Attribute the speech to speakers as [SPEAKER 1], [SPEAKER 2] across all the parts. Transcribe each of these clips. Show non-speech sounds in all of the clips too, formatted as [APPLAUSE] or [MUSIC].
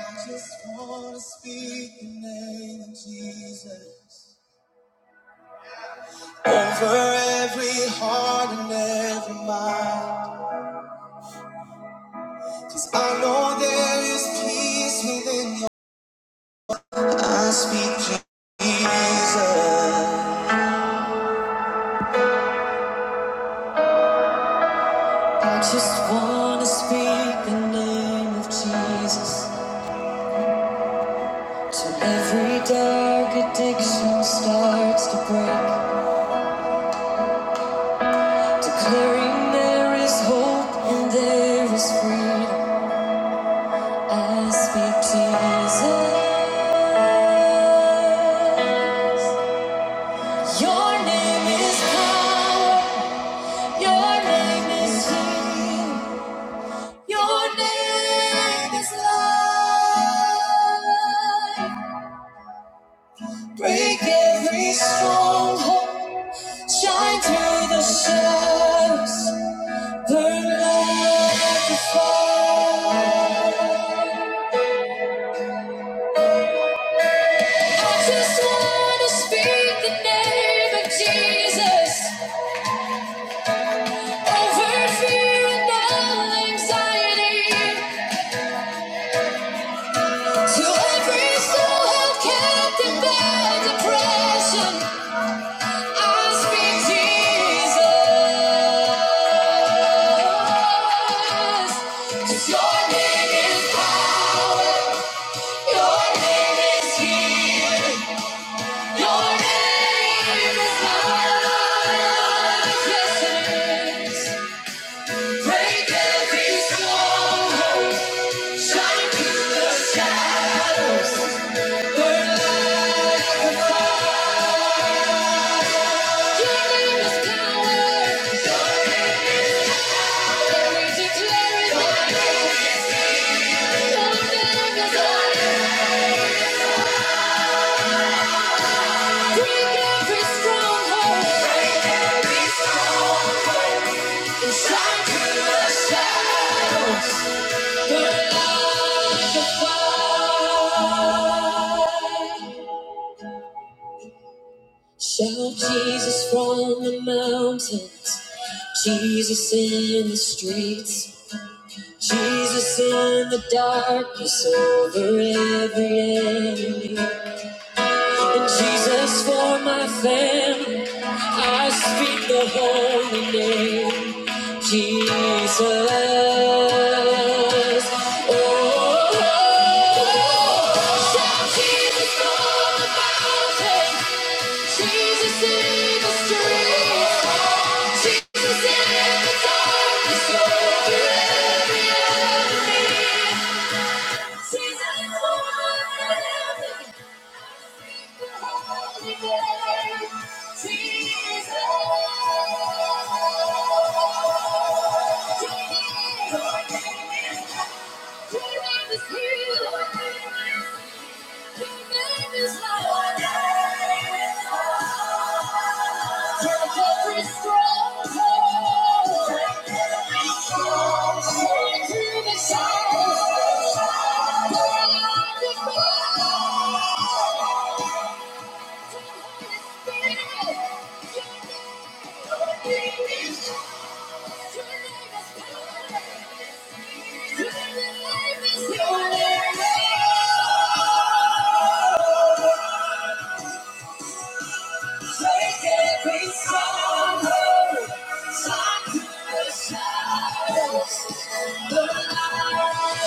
[SPEAKER 1] I just wanna speak the name of Jesus over every heart and every mind. Cause I know there is peace within your I speak Jesus. I just wanna speak the name of Jesus. Till every dark addiction starts to break. Declaring there is hope and there is freedom. I speak Jesus. Your name is power. Your name is healing. Your name is life. Break every stronghold. Shine through the shadows. Burn like a fire. I just wanna speak the name of Jesus. Over fear and all anxiety, to every soul held captive by depression, I speak Jesus. 'Cause Your name is power. Your name is healing. Your name is love. Yes, it is. Break every stronghold, shine through the shadows. Burn like a fire. Your name is power. We declare it now. Your name is power. Break every stronghold. Break every stronghold, shine through the shadows. Burn like a fire. Shout Jesus from the mountains, Jesus in the streets, Jesus in the darkness over every enemy. And Jesus for my family, I speak the holy name, Jesus. Oh, Jesus on the mountain. Jesus in the streets. Jesus in the darkness over every enemy. Jesus forever. The holy name. Jesus. Your name is healing. Your name is life. the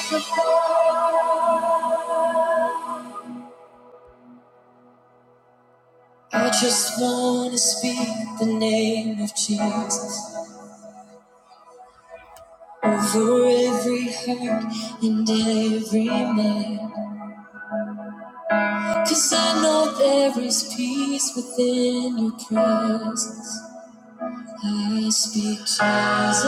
[SPEAKER 1] Thank you. I just wanna speak the name of Jesus over every heart and every mind, 'cause I know there is peace within your presence. I speak Jesus.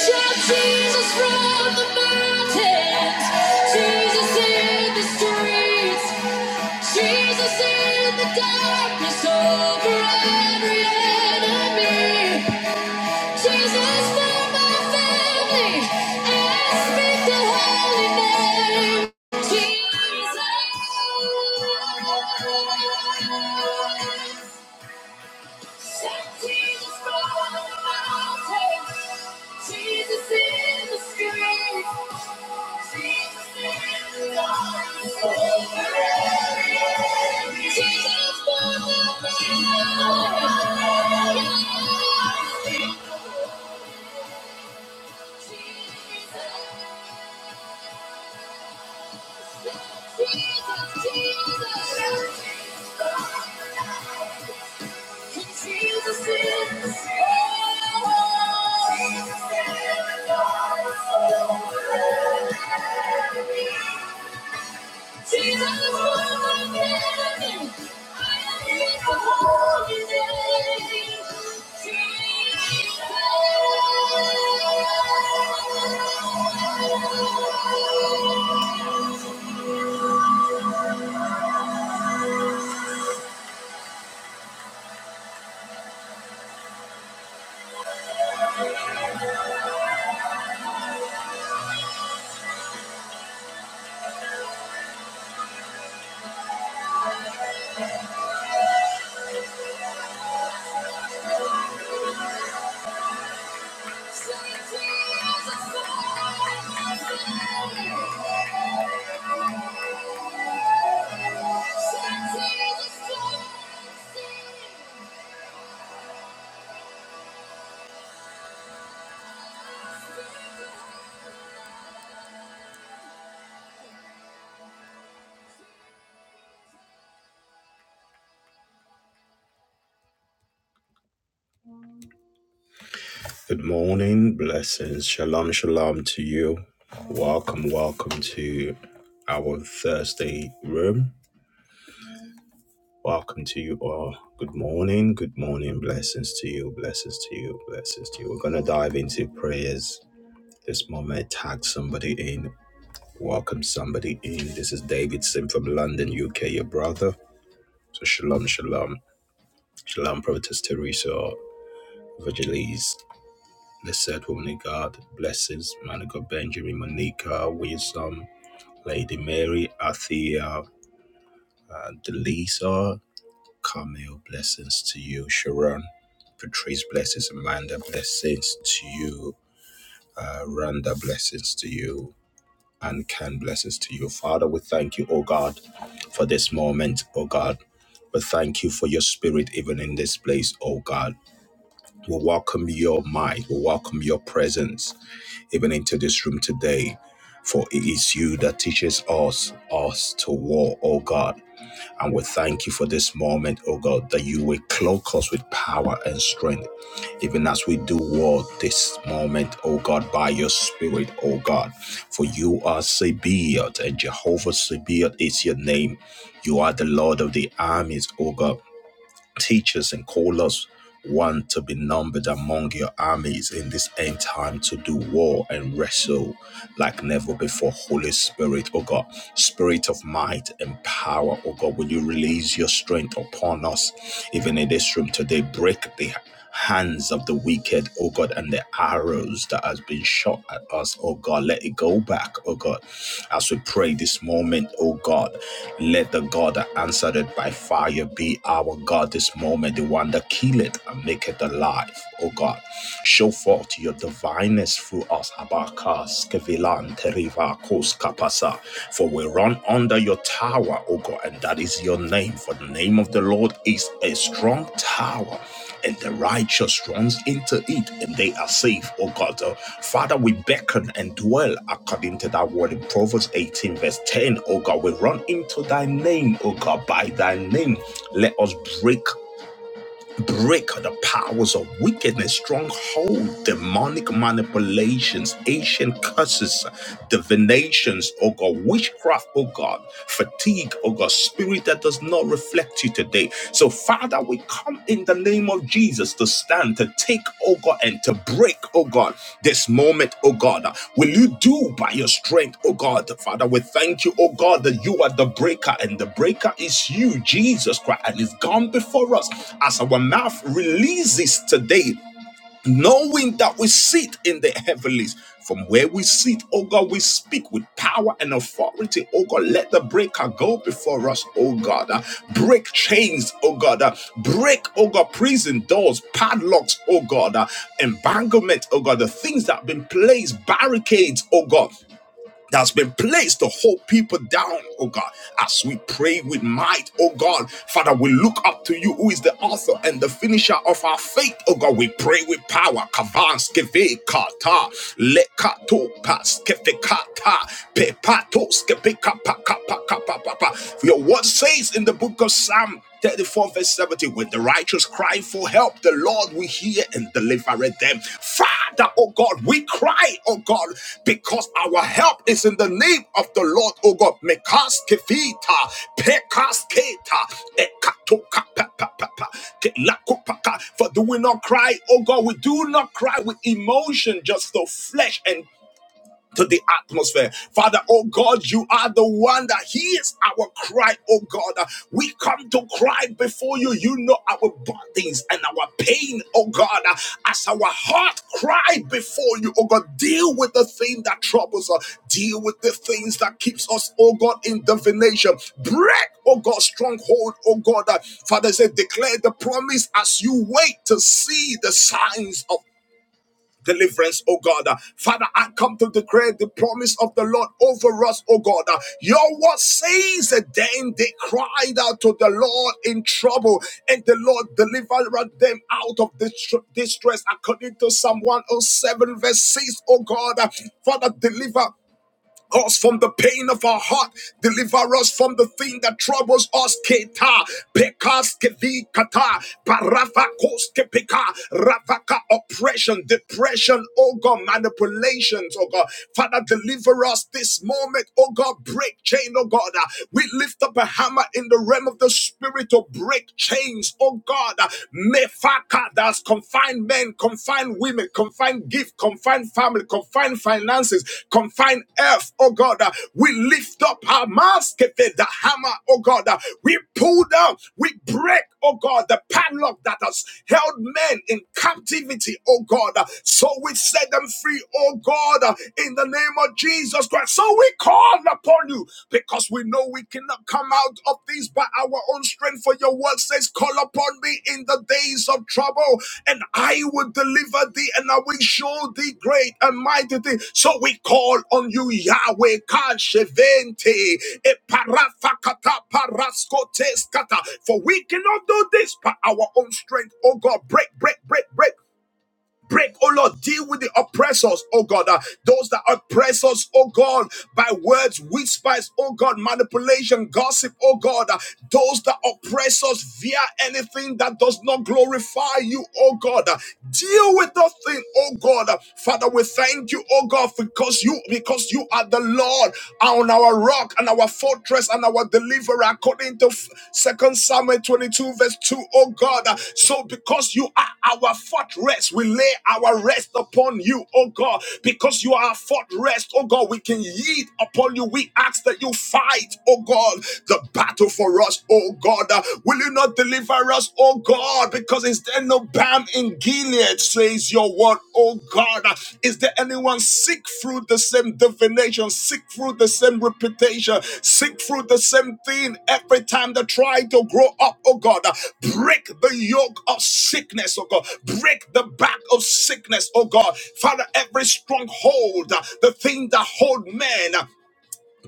[SPEAKER 1] Shout Jesus from the mountains, Jesus in the streets. Jesus in the darkness over every enemy. Jesus for my family. I speak the holy name. Jesus. Jesus from the mountains, Jesus in the streets, Jesus in the darkness over every enemy. Jesus from the mountains, Jesus, Jesus, Jesus. Jesus. Jesus is Thank you. Good morning, blessings, shalom, shalom to you. Welcome, welcome to our Thursday room. Welcome to you all. Good morning, good morning, blessings to you, blessings to you, blessings to you. We're gonna dive into prayers this moment. Tag somebody in, welcome somebody in. This is David Sim from London, UK, your brother. So shalom, shalom, shalom, Prophetess Teresa, Virgilis. Blessed woman of God, blesses man of God, Benjamin, Monica, Wisdom, Lady Mary, Athea, uh, Delisa, Camille, blessings to you, Sharon, Patrice, blessings, Amanda, blessings to you, uh, Randa, blessings to you, and Ken, blessings to you. Father, we thank you, oh God, for this moment, oh God. We thank you for your spirit even in this place, oh God. We welcome your might. We welcome your presence. even into this room today. For it is you that teaches us us to war, O God. And we thank you for this moment, O God, that you will cloak us with power and strength, even as we do war this moment, O God, by your Spirit, O God. For you are Sabaoth, and Jehovah Sabaoth is your name. You are the Lord of the armies, O God. Teachers and callers, want to be numbered among your armies in this end time to do war and wrestle like never before. Holy Spirit, oh God, Spirit of might and power, oh God, will you release your strength upon us even in this room today? Break the hands of the wicked, oh God, and the arrows that has been shot at us, oh God. Let it go back, oh God. As we pray this moment, oh God, let the God that answered it by fire be our God this moment, the one that killeth and maketh alive, oh God. Show forth your divineness through us, Abakas, Kevilan, Teriva, Kos, Kapasa. For we run under your tower, O God, and that is your name. For the name of the Lord is a strong tower and the righteous runs into it and they are safe, oh God. Uh, Father, we beckon and dwell according to thy word in Proverbs 18, verse 10, oh God. We run into thy name, oh God, by thy name. Let us break. Break the powers of wickedness, stronghold, demonic manipulations, ancient curses, divinations, oh God, witchcraft, oh God, fatigue, oh God, spirit that does not reflect you today. So, Father, we come in the name of Jesus Jesus, to stand, to take, oh God, and to break, oh God, this moment, oh God. Will you do by your strength, oh God? Father, we thank you, oh God, that you are the breaker, and the breaker is you, Jesus Christ, and it's gone before us as our mouth releases today knowing that we sit in the heavenlies. From where we sit, oh God, we speak with power and authority, oh God. Let the breaker go before us, oh God. Uh, break chains, oh God. Uh, break, oh God, prison doors, padlocks, oh God. Uh, emanglement, oh God. The things that have been placed, barricades, oh God that's been placed to hold people down, oh God. As we pray with might, oh God, Father, we look up to you, who is the author and the finisher of our faith, oh God. We pray with power. Kavans kata lekato pas kata pepatos kepe kapa kapa kapa Your word says in the book of Psalm. 34 verse 70 when the righteous cry for help the lord will hear and deliver them father oh god we cry oh god because our help is in the name of the lord oh god mekaskefita pekasketa ekatoka pa, pa, pa, pa, ke- for do we not cry oh god we do not cry with emotion just the flesh and to the atmosphere. Father, oh God, you are the one that hears our cry, oh God. Uh, We come to cry before you. You know our burdens and our pain, oh God. Uh, As our heart cry before you, oh God, deal with the thing that troubles us. Deal with the things that keeps us, oh God, in divination. Break, oh God, stronghold, oh God. Uh, Father said, declare the promise as you wait to see the signs of deliverance, oh God. Uh, Father, I come to declare the promise of the Lord over us, oh God. Uh, Your word says that then they cried out to the Lord in trouble, and the Lord delivered them out of distress, according to Psalm 107, verse six, O God. Uh, Father, deliver us from the pain of our heart. Deliver us from the thing that troubles us. Keta, pekas kevi kata, parafa koske peka, ravaka oppression, depression, oh God, manipulations, oh God. Father, deliver us this moment, oh God, break chain, oh God. Uh, We lift up a hammer in the realm of the spirit to break chains, oh God. Mefa Packer that's confined men, confined women, confined gift, confined family, confined finances, confined earth, oh God. uh, We lift up our mask, the hammer, oh God. uh, We pull down, we break, oh God, the padlock that has held men in captivity, oh God. uh, So we set them free, oh God, uh, in the name of Jesus Christ. So we call upon you upon you because we know we cannot come out of this by our own strength. For your word says, Call upon me in the days of trouble, and I will deliver thee, and I will show thee great and mighty things." So we call on you, Yahweh, Kashevente, Eparafakata, Paraskotes, Kata. For we cannot do this by our own strength. Oh God, break, break, break, break Break, oh Lord, deal with the oppressors, oh God. Uh, those that oppress us, oh God, by words, whispers, oh God, manipulation, gossip, oh God. Uh, those that oppress us via anything that does not glorify you, oh God. Uh, deal with the thing, oh God. Uh, Father, we thank you, oh God, because you because you are the Lord on our rock and our our fortress and our deliverer, according to Second Samuel 22, verse 2. Oh God, uh, so because you are our fortress, we lay our rest upon you, oh God. Because you are our fortress, oh God, we can yield upon you. We ask that you fight, oh God, the battle for us, oh God. Uh, Will you not deliver us, oh God? Because is there no battle? time in Gilead, says your word, oh God. Is there anyone sick through the same divination, sick through the same reputation, sick through the same thing every time they try to grow up, oh God? Break the yoke of sickness, oh God. Break the back of sickness, oh God. Father, every stronghold, the thing that hold men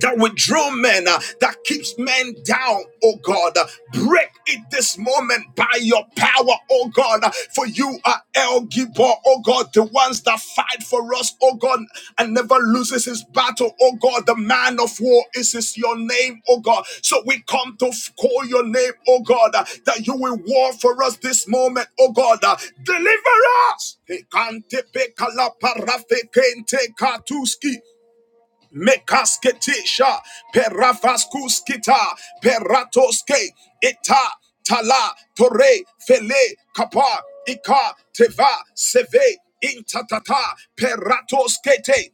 [SPEAKER 1] that withdraw men, uh, that keeps men down, oh God. Uh, break it this moment by your power, oh God. Uh, for you are El Gibor, oh God, the ones that fight for us, oh God, and never loses his battle, oh God. The man of war is is your name, oh God. So we come to f- call your name, oh God, uh, that you will war for us this moment, oh God. Uh, deliver us. Ekante pe kalaparafe kente katuski. Mekasketisha, Perafaskuskita, Peratoske, Eta, Tala, Tore, Fele, Kapa, Ika, Teva, Seve, Intatata, Peratoskete.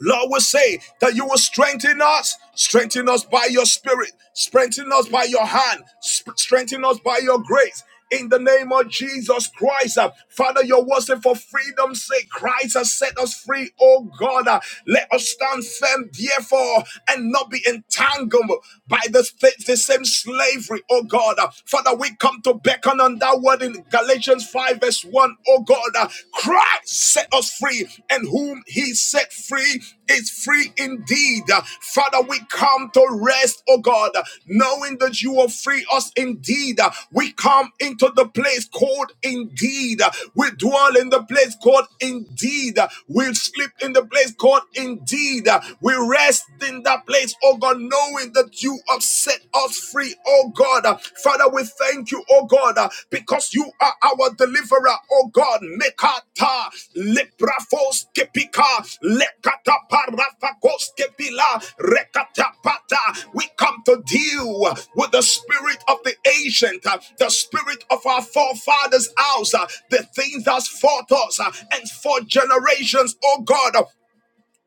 [SPEAKER 1] Lord, we say that you will strengthen us, strengthen us by your spirit, strengthen us by your hand, sp- strengthen us by your grace. In the name of Jesus Christ, uh, Father, your word said for freedom's sake, Christ has set us free, oh God. uh, let us stand firm, therefore, and not be entangled by this, fa- the same slavery, oh God. Uh, Father, we come to beckon on that word in Galatians 5, verse 1, oh God. Uh, Christ set us free, and whom he set free is free indeed. Uh, Father, we come to rest, oh God, uh, knowing that you will free us indeed. Uh, We come into the place called indeed. Uh, We dwell in the place called indeed. Uh, We sleep in the place called indeed. Uh, We rest rest in that place, oh God, knowing that you have set us free, oh God. Uh, Father, we thank you, oh God, uh, because you are our deliverer, oh God. Mekata, leprafos kepika, lekata parafakos kepila, rekatapata. We come to deal with the spirit of the ancient, uh, the spirit of our forefathers' house, uh, the things that's fought us uh, and for generations, oh God.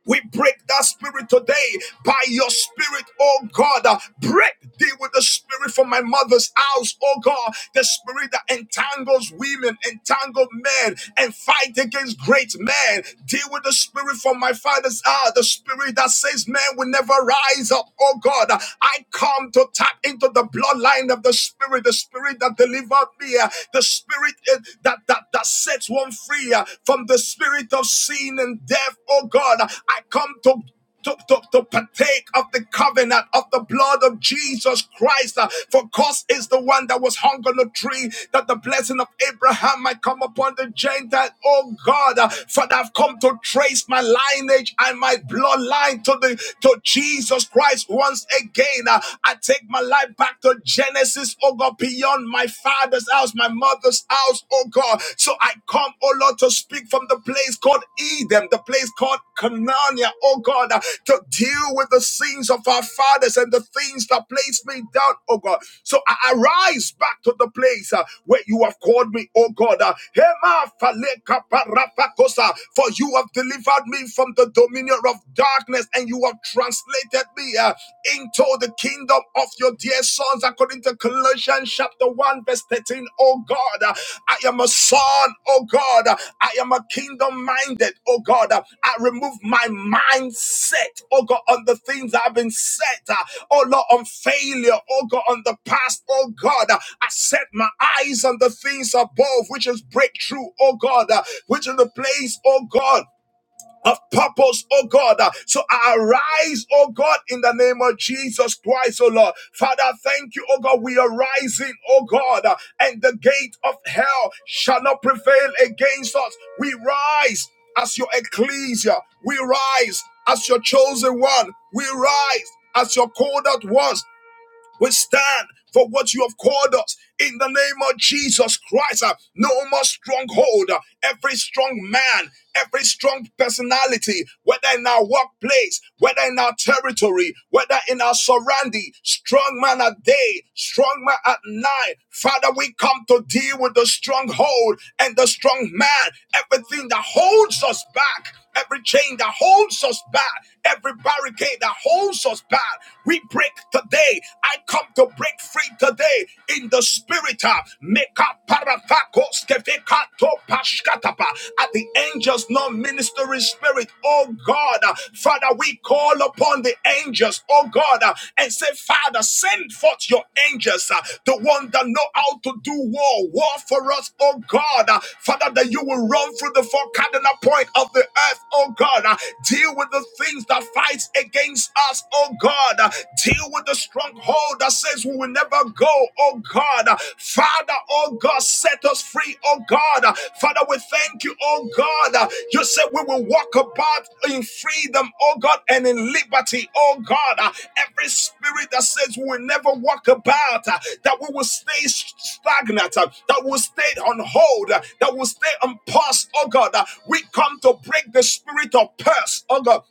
[SPEAKER 1] We break that spirit today by your spirit, oh God. Uh, Break deal with the spirit from my mother's house, oh God. The spirit that entangles women, entangle men, and fight against great men. Deal with the spirit from my father's house, the spirit that says men will never rise up, oh God. Uh, I come to tap into the bloodline of the spirit, the spirit that delivered me, uh, the spirit uh, that that that set sets one free uh, from the spirit of sin and death. Oh God, I come to to, to, to partake of the covenant of the blood of Jesus Christ. Uh, For Christ is the one that was hung on the tree, that the blessing of Abraham might come upon the Gentile. Oh God, uh, Father, I've come to trace my lineage and my bloodline to the to Jesus Christ once again. Uh, I take my life back to Genesis. oh oh God, beyond my father's house, my mother's house, oh God. So I come, oh Lord, to speak from the place called Edom, the place called Canania, oh God, uh, to deal with the sins of our fathers and the things that placed me down, oh God. So I arise back to the place uh, where you have called me, oh God. Uh, Hema faleka parapakosa, For you have delivered me from the dominion of darkness and you have translated adopted me uh, into the kingdom of your dear sons, according to Colossians chapter 1, verse 13. Oh God, uh, I am a son, oh God, uh, I am a kingdom minded, oh God. uh, I remove my mindset, oh God, on the things I've been set, uh, oh Lord, on failure, oh God, on the past, oh God. uh, I set my eyes on the things above, which is breakthrough, oh God, uh, which is the place, oh God of purpose, oh God. Uh, So arise, oh God, in the name of Jesus Christ, oh Lord. Father, thank you, oh God. We are rising, oh God, uh, and the gate of hell shall not prevail against us. We rise as your ecclesia, we rise as your chosen one, we rise as your called out ones we stand for what you have called us in the name of Jesus Christ. Uh, No more stronghold. Uh, Every strong man, every strong personality, whether in our workplace, whether in our territory, whether in our surrounding, strong man at day, strong man at night. Father, we come to deal with the stronghold and the strong man, everything that holds us back every chain that holds us back, every barricade that holds us back. we we break today. I come to break free today in the spirit. uh, Meka parathakos kefekato pashkatapa. At the angels, non ministering spirit. Oh God, uh, Father, we call upon the angels, oh God, uh, and say, Father, send forth your angels, uh, the one that know how to do war, war for us, oh God, uh, Father, that you will run through the four cardinal point of the earth, oh God, uh, deal with the things that fights against against us, oh God. Deal with the stronghold that says we will never go, oh God. Father, oh God, set us free, oh God. Father, we thank you, oh God. You said we will walk about in freedom, oh God, and in liberty, oh God. Every spirit that says we will never walk about, that we will stay stagnant, that will stay on hold, that will stay on pause, oh God. We come to break the spirit of purse, oh God.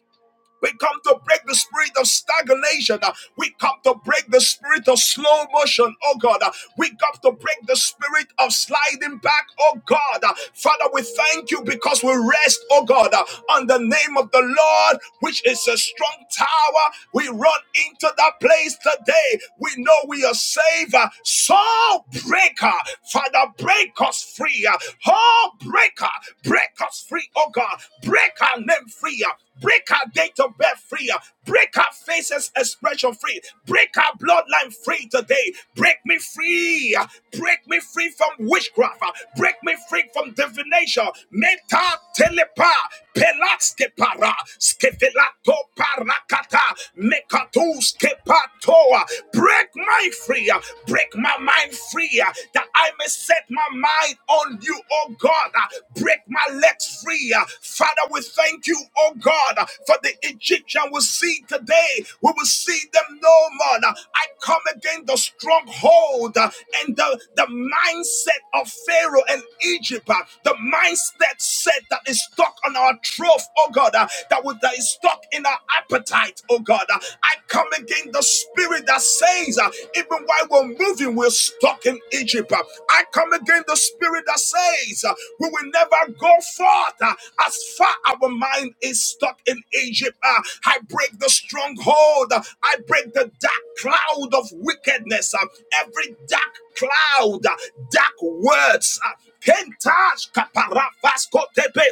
[SPEAKER 1] We come to break the spirit of stagnation. Uh, We come to break the spirit of slow motion, oh God. Uh, We come to break the spirit of sliding back, oh God. Uh, Father, we thank you because we rest, oh God, uh, on the name of the Lord, which is a strong tower. We run into that place today. We know we are saved. Uh, Soul breaker, Father, break us free. Uh, Oh, breaker, break us free, oh God. Break our name free. Break our date of birth free. Break our faces expression free. Break our bloodline free today. Break me free. Break me free from witchcraft. Break me free from divination. Meta telepa pelaske para skevelato parakata mekatus kepatoa. Break my free. Break my mind free that I may set my my mind on you, oh God. Uh, Break my legs free. Uh, Father, we thank you, oh God, uh, for the Egyptian we see today. We will see them no more. Uh, I come against the stronghold uh, and the, the mindset of Pharaoh and Egypt. uh, The mindset set that is stuck on our trough, oh God, uh, that, would- that is stuck in our appetite, oh God. Uh, I come against the spirit that says, uh, even while we're moving, we're stuck in Egypt. Uh, I come against the spirit that says, uh, we will never go forth uh, as far our mind is stuck in Egypt. Uh, I break the stronghold. Uh, I break the dark cloud of wickedness. Uh, every dark cloud, uh, dark words. uh, Kentash kaparafas kotepe.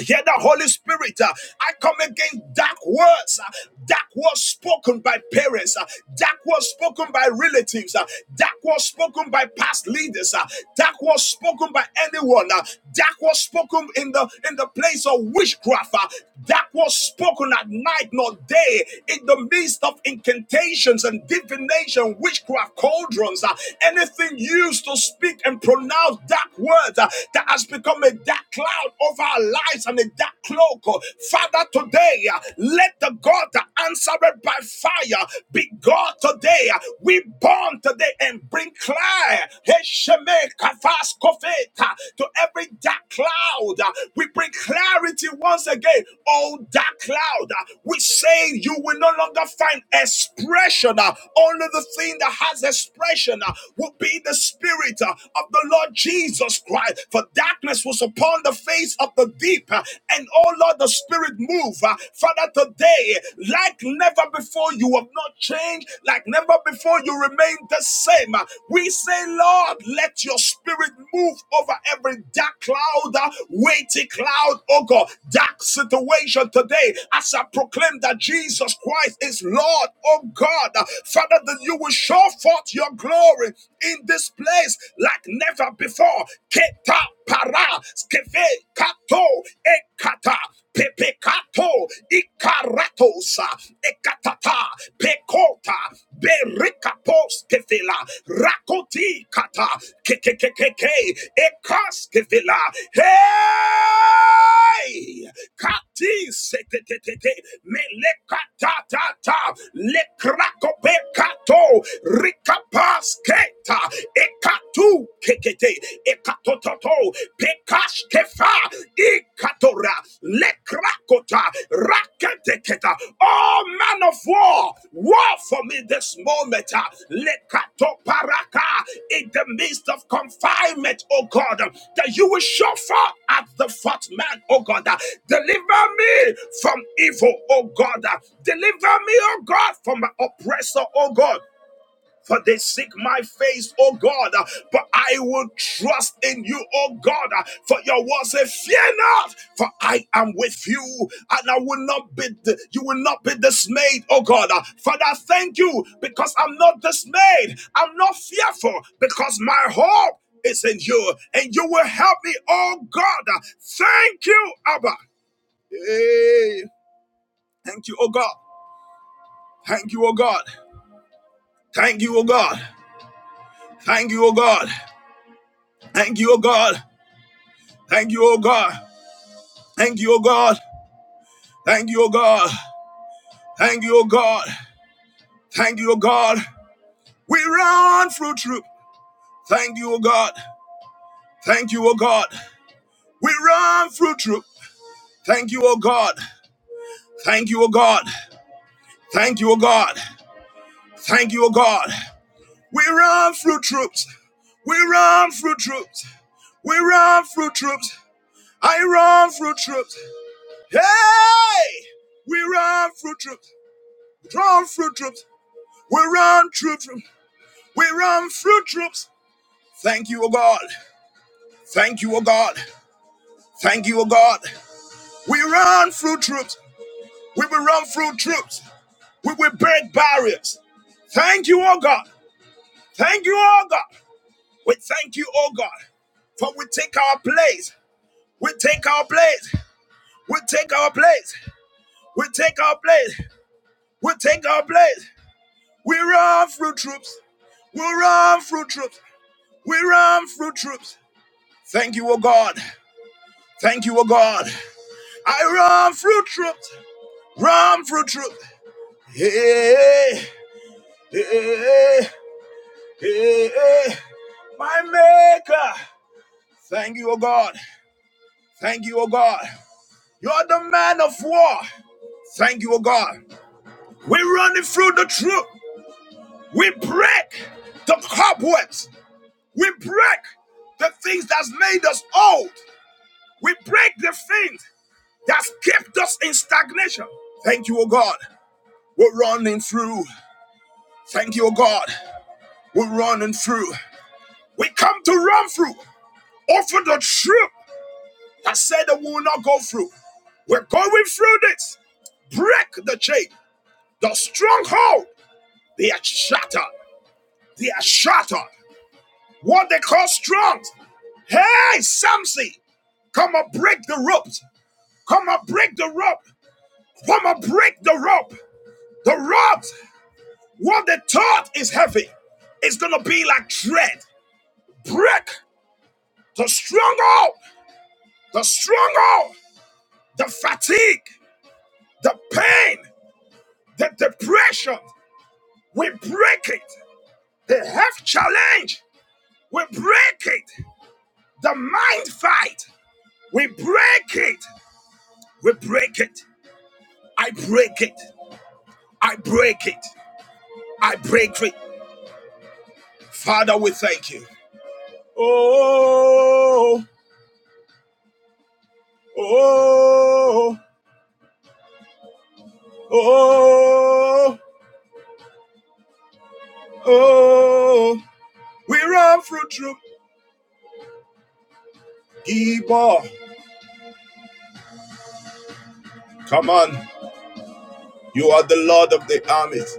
[SPEAKER 1] Hear the Holy Spirit. uh, I come against dark words, uh, dark words spoken by parents, uh, dark words spoken by relatives, uh, dark words spoken by past leaders, uh, dark words spoken by anyone, uh, dark words spoken in the in the place of witchcraft, uh, dark words spoken at night nor day, in the midst of incantations and divination, witchcraft cauldrons, uh, anything used to speak and pronounce dark words uh, that has become a dark cloud over our lives and a dark cloak. oh, Father, today, uh, let the God that answered by fire be God today. Uh, We born today and bring clear Hesheme kofeta, to every dark cloud. Uh, We bring clarity once again. Oh, dark cloud, uh, we say you will no longer find expression. uh, Only the thing that has expression uh, will be the spirit uh, of the Lord Jesus. Jesus Christ. For darkness was upon the face of the deep. uh, And oh Lord, the Spirit move. uh, Father, today, like never before, you have not changed. Like never before, you remain the same. Uh, We say, Lord, let your Spirit move over every dark cloud, uh, weighty cloud, oh God, dark situation today. As I proclaim that Jesus Christ is Lord, oh God, uh, Father, that you will show forth your glory in this place like never before. Keta para skeve kato ekata pepekato ikaratosa ekatata pekota berikapos kefela rakoti kata kekekekeke ekas kefela. Hey! Hey, Kati setetete melekatata le krakopekato rikapasketa ekatu kekete ekatototo pekashkefa ikatora le krakota raketeketa Oh, man of war, war for me this moment. ah. Lekatoparaka, In the midst of confinement, oh God, ah, that you will show forth at the fourth man, oh God. ah. Deliver me from evil, oh God. ah. Deliver me, oh God, from my oppressor, oh God. For they seek my face, O God, uh, but I will trust in you, O God. uh, For your word say, Fear not, for I am with you, and I will not be you will not be dismayed, O God. Uh, Father, thank you because I'm not dismayed, I'm not fearful, because my hope is in you, and you will help me, O God. Uh, Thank you, Abba. Hey, thank you, O God. Thank you, O God. Thank you, O God. Thank you, O God. Thank you, O God. Thank you, O God. Thank you, O God. Thank you, O God. Thank you, O God. Thank you, O God. We run through troop. Thank you, O God. Thank you, O God. We run through troop. Thank you, O God. Thank you, O God. Thank you, O God. Thank you, O God. We run through troops. We run through troops. We run through troops. I run through troops. Hey! We run through troops. Run through troops. We run through, through- we run through troops. Thank you, O God. Thank you, O God. Thank you, O God. We run through troops. We will run through troops. We will break barriers. Thank you, O God. Thank you, O God. We thank you, O God. For we take our place. We take our place. We take our place. We take our place. We take our place. We run through troops. We run through troops. We run through troops. Thank you, O God. Thank you, oh God. I run through truth, run through truth. Hey, hey, hey, hey, hey. my maker. Thank you, oh God. Thank you, oh God. You're the man of war. Thank you, oh God. We're running through the truth. We break the cobwebs. We break the things that's made us old. We break the things that's kept us in stagnation. Thank you, oh God. We're running through. Thank you, O God. We're running through. We come to run through over the troop that said that we will not go through. We're going through this. Break the chain. The stronghold. They are shattered. They are shattered. What they call strong. Hey, Samson, come and break the ropes. Come and break the rope. Come and break the rope. The ropes. What they thought is heavy. It's gonna be like dread. Break the stronghold the stronghold, the fatigue, the pain, the depression, we break it. The health challenge, we break it. The mind fight, we break it. We break it. I break it. I break it. I break it. Father, we thank you. Oh, oh, oh, oh. We run through troop. Gibor. Come on. You are the Lord of the armies.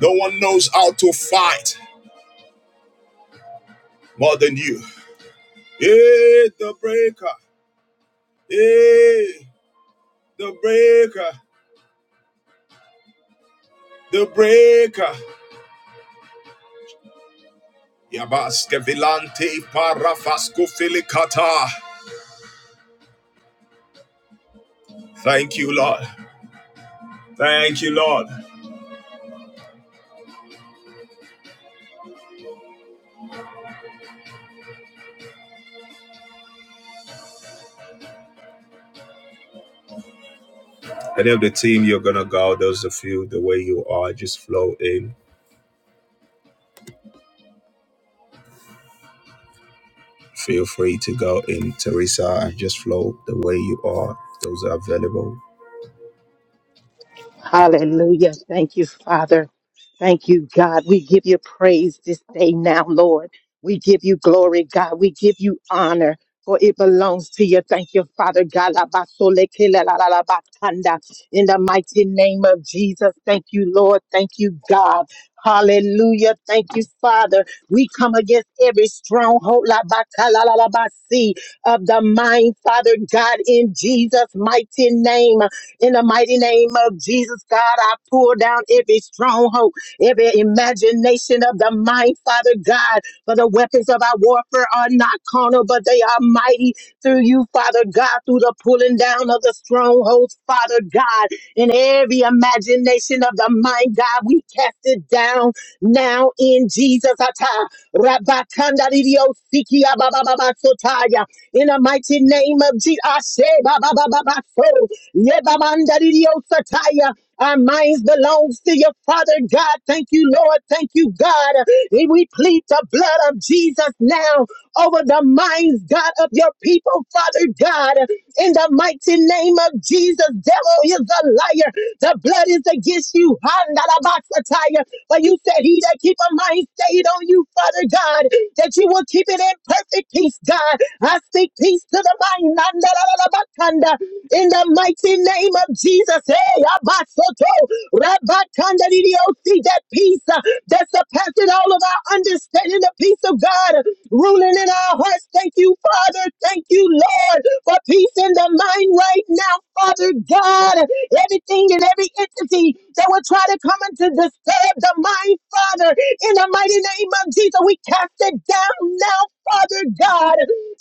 [SPEAKER 1] No one knows how to fight more than you. Hey, the breaker. Hey, the breaker. The breaker. Yabaske vilante parafasco filicata. Thank you, Lord. Thank you, Lord. Any of the team, you're going to go. Those of you, the way you are, just flow in. Feel free to go in, Teresa, and just flow the way you are. Those are available.
[SPEAKER 2] Hallelujah. Thank you, Father. Thank you, God. We give you praise this day now, Lord. We give you glory, God. We give you honor, for it belongs to you. Thank you, Father God. La ba so le ke la la la la ba kanda. In the mighty name of Jesus, thank you, Lord. Thank you, God. Hallelujah. Thank you, Father. We come against every stronghold la ba ka la la la ba si, of the mind, Father God, in Jesus' mighty name. In the mighty name of Jesus, God, I pull down every stronghold every imagination of the mind, Father God. For the weapons of our warfare are not carnal, but they are mighty through you, Father God, through the pulling down of the strongholds, Father God. In every imagination of the mind, God, we cast it down now in Jesus. Ata, Rabakanda Didio Siki In the mighty name of Jesus. Ashe Bababa So. Yebamanda Didio Sataya. Our minds belongs to your Father God. Thank you, Lord. Thank you, God. And we plead the blood of Jesus now over the minds, God, of your people, Father God. In the mighty name of Jesus, devil is a liar. The blood is against you. Handarabasataya. For you said he that keep a mind stayed on you, Father God, that you will keep it in perfect peace, God. I speak peace to the mind. Nandarabakanda in the mighty name of Jesus. Hey, Abasoto, Rabatandaridioti, that peace uh, that surpasses all of our understanding, the peace of God uh, ruling in our hearts. Thank you, Father. Thank you, Lord, for peace in the mind right now, Father God. Everything and every entity that would try to come and to disturb the mind, Father. In the mighty name of Jesus, we cast it down now, Father God.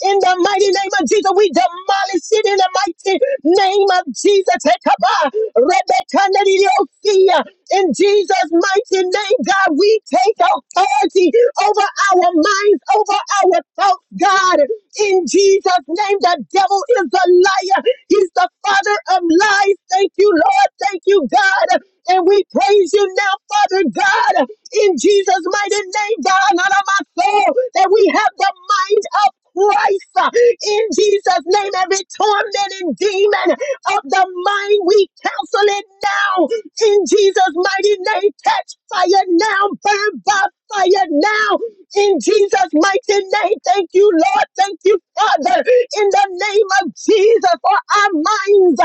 [SPEAKER 2] In the mighty name of Jesus, we demolish it in the mighty name of Jesus. Hekabah, Rebekah, In Jesus' mighty name, God, we take authority over our minds, over our thoughts, God. In Jesus' Jesus' name, the devil is a liar. He's the father of lies. Thank you, Lord. Thank you, God. And we praise you now, Father God, in Jesus' mighty name, God, out of my soul, that we have the mind of Christ. In Jesus' name, every tormenting demon of the mind, we counsel it now. In Jesus' mighty name, catch fire now now, burn by fire now, in Jesus' mighty name. Thank you, Lord. Thank you, Father, in the name of Jesus, for our minds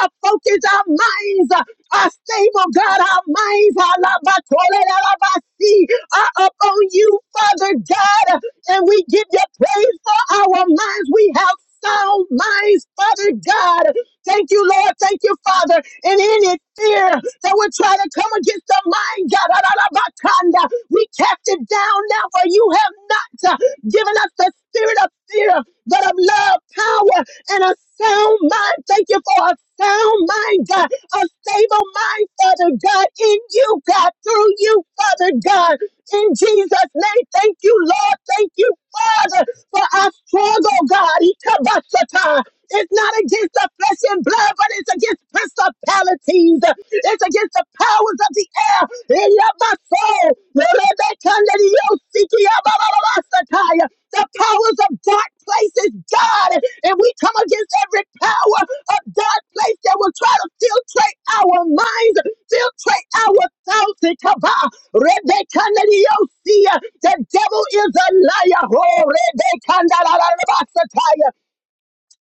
[SPEAKER 2] are focused, our minds are stable, God. Our minds are alabacolelelabasi, are upon you, Father God, and we give you praise for our minds. We have sound minds, Father God. Thank you, Lord. Thank you, Father. And any fear that would try to come against the mind, God, ah, ah, ah, bakanda, we cast it down now, for you have not uh, given us the spirit of fear, but of love, power, and a sound mind. Thank you for a sound mind, God. A stable mind, Father God, in you, God, through you, Father God. In Jesus' name, thank you, Lord. Thank you, Father, for our struggle, God. Ikabasata. It's not against the flesh and blood, but it's against principalities. It's against the powers of the air in your soul. The powers of dark places, God, and we come against every power of dark place that will try to filtrate our minds, filtrate our thoughts. Ikaba, Rebecca Neriosia, The devil is a liar. Oh, Rebecca Nalalalabasataya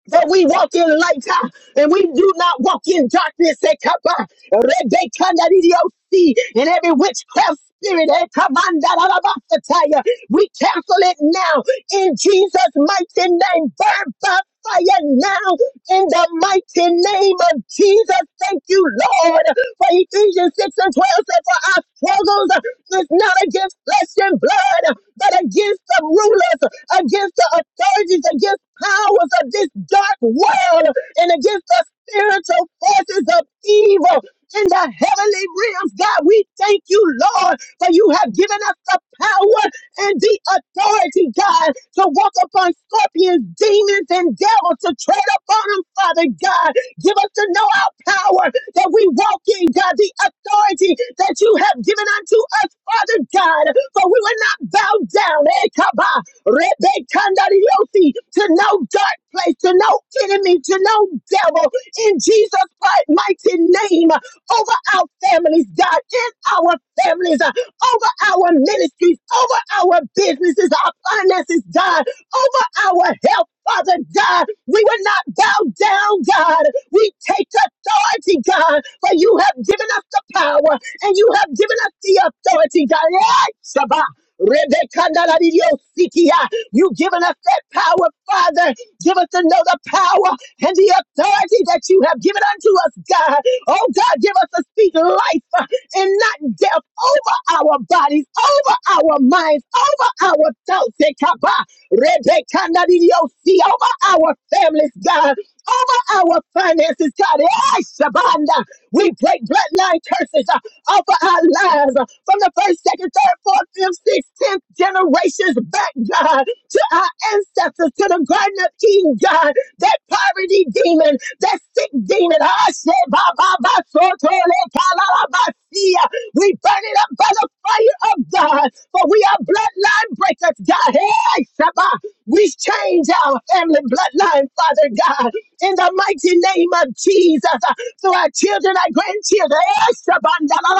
[SPEAKER 2] that we walk in light ah, and we do not walk in darkness. eh, kappa, rebecca, nadidiosi, And every witchcraft spirit, eh, kamanda, dadabasataya, we cancel it now in Jesus' mighty name. Burn by fire now in the mighty name of Jesus. Thank you, Lord, for Ephesians 6 and 12 said for our struggles. It's not against flesh and blood, but against the rulers, against the authorities, against powers of this dark world, and against the spiritual forces of evil in the heavenly realms. God, we thank you, Lord, for you have given us the power and the authority, God, to walk upon scorpions, demons, and devils, to tread upon them, Father God. Give us to know our power that we walk in, God, the authority that you have given unto us, Father God. For we will not bow down, eh, kaba, rebe, kandariosi, to no dark place, to no enemy, to no devil. In Jesus Christ's mighty name, over our families, God, in our families, uh, over our ministries, over our businesses, our finances, God over our health, Father God. We will not bow down, God. We take authority, God, for you have given us the power and you have given us the authority, God. Yeah, Shabbat. Rebecca, Naladidio, Sikia. You've given us that power, Father. Give us to know the power and the authority that you have given unto us, God. Oh, God, give us to speak life uh, and not death over our bodies, over our minds, over our thoughts. Rebekanadidiosi, over our families, God, over our finances, God. Eh, Shabanda. We break bloodline curses uh, off of our lives uh, from the first, second, third, fourth, fifth, sixth, tenth generations back, God, to our ancestors, to the Garden of Eden, God that poverty demon, that sick demon. ah, shit, ba, ba, ba, so, to, le, la, la, ba, see We burn it up by the fire of God, for we are bloodline breakers, God. Hey, Shabba. We change our family bloodline, Father God, in the mighty name of Jesus. uh, To our children, our grandchildren, eh,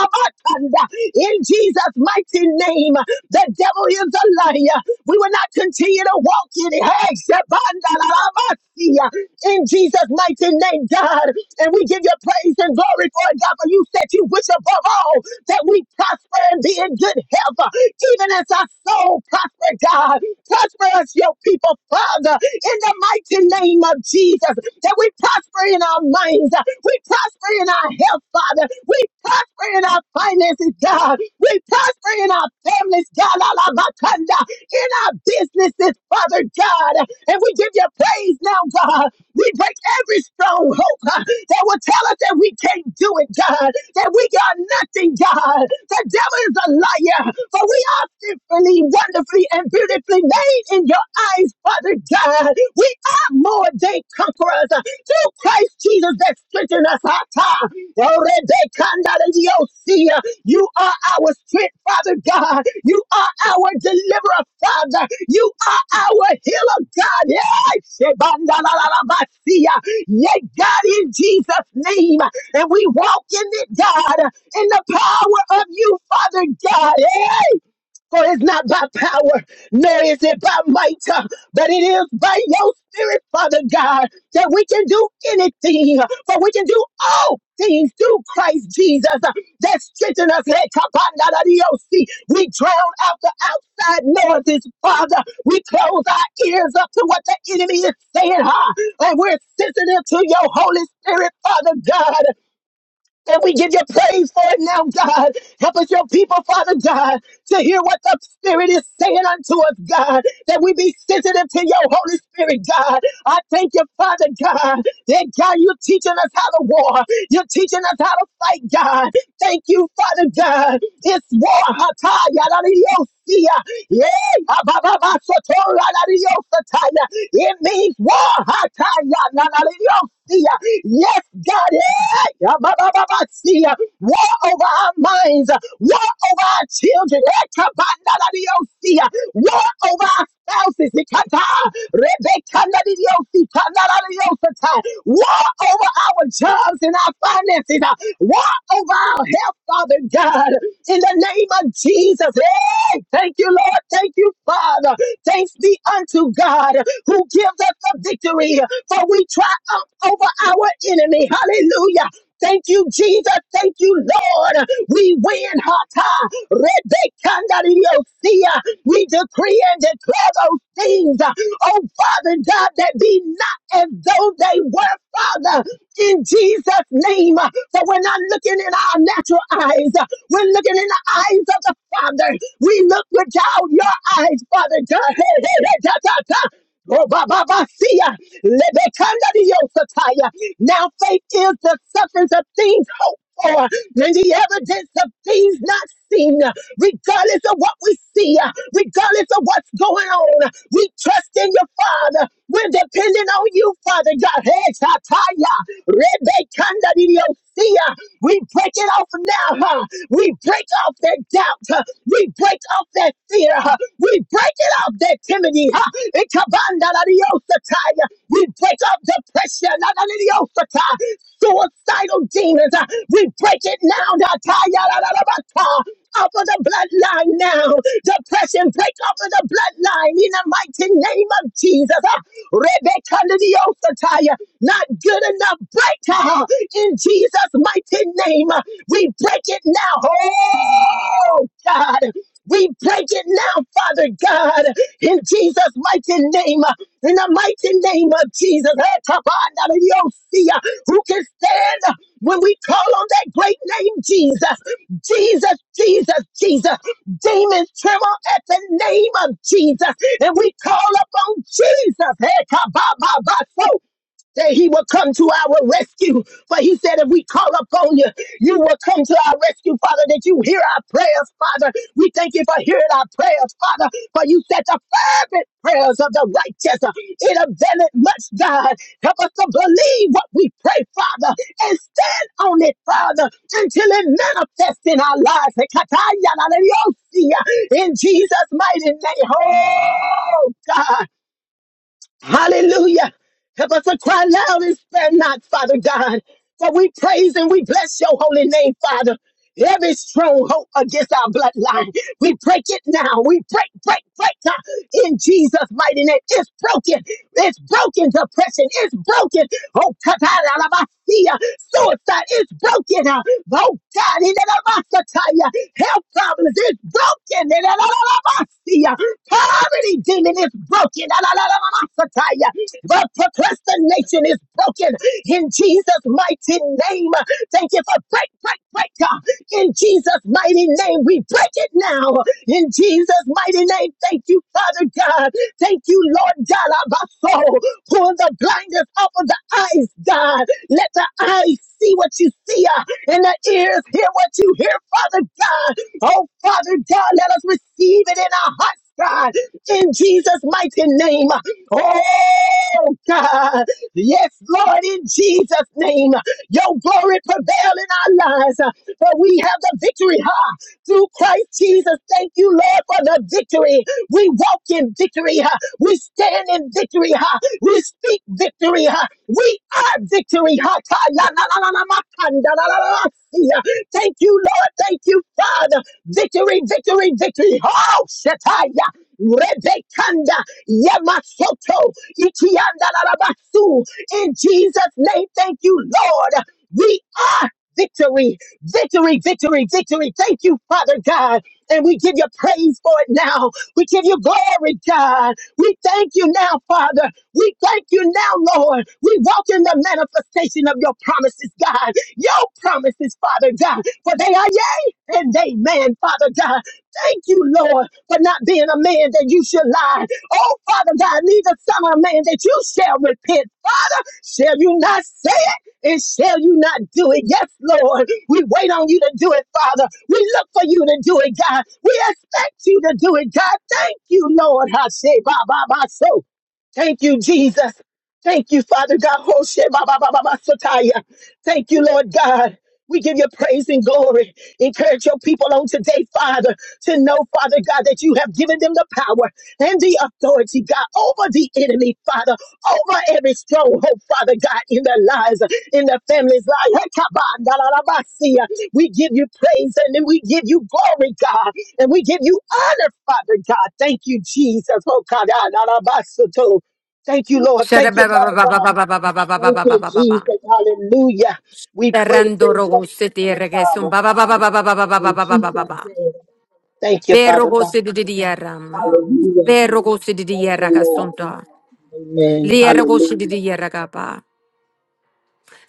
[SPEAKER 2] ba, in Jesus' mighty name, the devil is a liar. We will not continue to walk in it. Hey, ba, see ya. In Jesus' mighty name, God. And we give you praise and glory for it, God, for you said you wish above all that we prosper and be in good health, uh, even as our soul prosper, God. Prosper us, your people, Father, in the mighty name of Jesus, that we prosper in our minds, uh, we prosper in our health, Father. We prosper in our finances, God. We prosper in our families, God. Alabakanda, In our businesses, Father God. And we give you praise now, God. We break every stronghold uh, that will tell us that we can't do it, God. That we are nothing, God. The devil is a liar. For we are fearfully, wonderfully, and beautifully made in your eyes, Father. Father God. We are more than conquerors uh, through Christ Jesus that strengthen us. Ah, ah. Orebekandadidiosia. You are our strength, Father God. You are our deliverer, Father. You are our healer, God. Yeah, Shebandalalabasia. Yea, God, in Jesus' name. And we walk in it, God, in the power of you, Father God. Hey, for it's not by power, nor is it by might, uh, but it is by your spirit, Father God, that we can do anything. uh, For we can do all things through Christ Jesus uh, that strengthen us. Hey, kapanadadiosi. We drown out the outside noises, Father. We close our ears up to what the enemy is saying, huh? and we're sensitive to your Holy Spirit, Father God. And we give you praise for it now, God. Help us, your people, Father God, to hear what the Spirit is saying unto us, God, that we be sensitive to your Holy Spirit, God. I thank you, Father God, that God, you're teaching us how to war. You're teaching us how to fight, God. Thank you, Father God. It's war. Yeah, ababa sotora la riosataya. It means war. Hataya la Yes, God. eh, ababa-sia. War over our minds. War over our children. War over our spouses. Ikata. Rebecca. Nadidiyosi. Kanadadiyosata. War over our jobs and our finances. uh, War over our health, Father God. In the name of Jesus. Hey, thank you, Lord. Thank you, Father. Thanks be unto God who gives us the victory. For we triumph over our enemy. Hallelujah. Thank you, Jesus. Thank you, Lord. We win. Hata. Rebekandariyosia. We decree and declare those things. Oh, Father God, that be not as though they were, Father, in Jesus' name. For we're not looking in our natural eyes. We're looking in the eyes of the Father. We look without your eyes, Father God. [LAUGHS] Oh, ba, ba, ba, see ya. Lebekanda di yo sataya. Now faith is the substance of things hoped for and the evidence of things not seen. Regardless of what we see, regardless of what's going on, we trust in your Father. We're depending on you, Father God. Hey, sataya. Rebekanda di yo see ya. We break it off now. Huh? We break off that doubt. Huh? We break off that fear. Huh? We break break it off, that timidity. huh? Ikabanda la diosatai. We break off depression. la la la Suicidal demons. huh? We break it now. da ta ya la Off of the bloodline now. Depression, break off of the bloodline in the mighty name of Jesus. huh? Rebecca la diosatai. Not good enough, break her in Jesus' mighty name. Uh, We break it now. Oh, God. We break it now, Father God, in Jesus' mighty name, in the mighty name of Jesus. Eh, Tabana de Dios, see, uh, Who can stand when we call on that great name, Jesus? Jesus, Jesus, Jesus. Demons tremble at the name of Jesus, and we call upon Jesus. Eh, Kabababa, so that he will come to our rescue. For he said, if we call upon you, you will come to our rescue, Father, that you hear our prayers, Father. We thank you for hearing our prayers, Father, for you said the fervent prayers of the righteous. uh, It availeth much, God. Help us to believe what we pray, Father, and stand on it, Father, until it manifests in our lives. In Jesus' mighty name. Oh, God. Hallelujah. Help us to cry loud and spare not, Father God. For we praise and we bless your holy name, Father. Every stronghold against our bloodline, we break it now. We break, break, break God, in Jesus' mighty name. It's broken. It's broken, depression. It's broken. Oh, uh, Suicide is broken. uh, Oh God, in the name of the health problems is broken. In the name of the Messiah. Poverty demon is broken. In the name of the Messiah. But procrastination is broken in Jesus' mighty name. Thank you for break, break, break. In Jesus' mighty name, we break it now. In Jesus' mighty name, thank you, Father God. Thank you, Lord God, of our soul. Pull the blinders off of the eyes, God. Let the eyes see what you see uh, and the ears hear what you hear, Father God. Oh, Father God, let us receive it in our hearts, God. In Jesus' mighty name. Oh, God. Yes, Lord, in Jesus' name. Your glory prevail in our lives for we have the victory, ha! Through Christ Jesus, thank you, Lord, for the victory. We walk in victory, ha! We stand in victory, ha! We speak victory, ha! We are victory, ha! Ta- la- la- la- la- la- ma- kan- da- la- la- la- la- see, ha. Thank you, Lord, thank you, Father. Victory, victory, victory. Oh, Shataya. Rebekanda Yamasoto Itianda Larabasu. In Jesus' name, thank you, Lord. We are victory. Victory, victory, victory. Thank you, Father God. And we give you praise for it now. We give you glory, God. We thank you now, Father. We thank you now, Lord. We walk in the manifestation of your promises, God. Your promises, Father God. For they are yea and amen, Father God. Thank you, Lord, for not being a man that you should lie. Oh, Father God, neither son of man that you shall repent. Father, shall you not say it? and shall you not do it? Yes, Lord. We wait on you to do it, Father. We look for you to do it, God. We expect you to do it, God. Thank you, Lord. I say, ba, ba, ba, so. Thank you, Jesus. Thank you, Father God. [LAUGHS] Hoshe ba ba ba ba ba sataya. Thank you, Lord God. We give you praise and glory. Encourage your people on today, Father, to know, Father God, that you have given them the power and the authority, God, over the enemy, Father, over every stronghold, Father God, in their lives, in their families' lives. Hekabandalalabasia. We give you praise and then we give you glory, God, and we give you honor, Father God. Thank you, Jesus. Oh, God. Thank you, Lord. Thank you, Father God. Thank you, Jesus. Hallelujah. We praise and
[SPEAKER 3] Tarrandoro
[SPEAKER 2] bless
[SPEAKER 3] se tierra
[SPEAKER 2] you,
[SPEAKER 3] que es
[SPEAKER 2] Father.
[SPEAKER 3] ba ba ba ba ba ba ba ba ba
[SPEAKER 2] In
[SPEAKER 3] ba ba ba ba
[SPEAKER 2] Jesus'
[SPEAKER 3] ba ba.
[SPEAKER 2] name. Thank you,
[SPEAKER 3] Perro
[SPEAKER 2] Father God.
[SPEAKER 3] goce de tierra ma.
[SPEAKER 2] Hallelujah.
[SPEAKER 3] Perro goce de
[SPEAKER 2] Thank
[SPEAKER 3] tierra
[SPEAKER 2] you,
[SPEAKER 3] que
[SPEAKER 2] Lord.
[SPEAKER 3] asunto.
[SPEAKER 2] Amen.
[SPEAKER 3] Liero goce de
[SPEAKER 2] Hallelujah.
[SPEAKER 3] tierra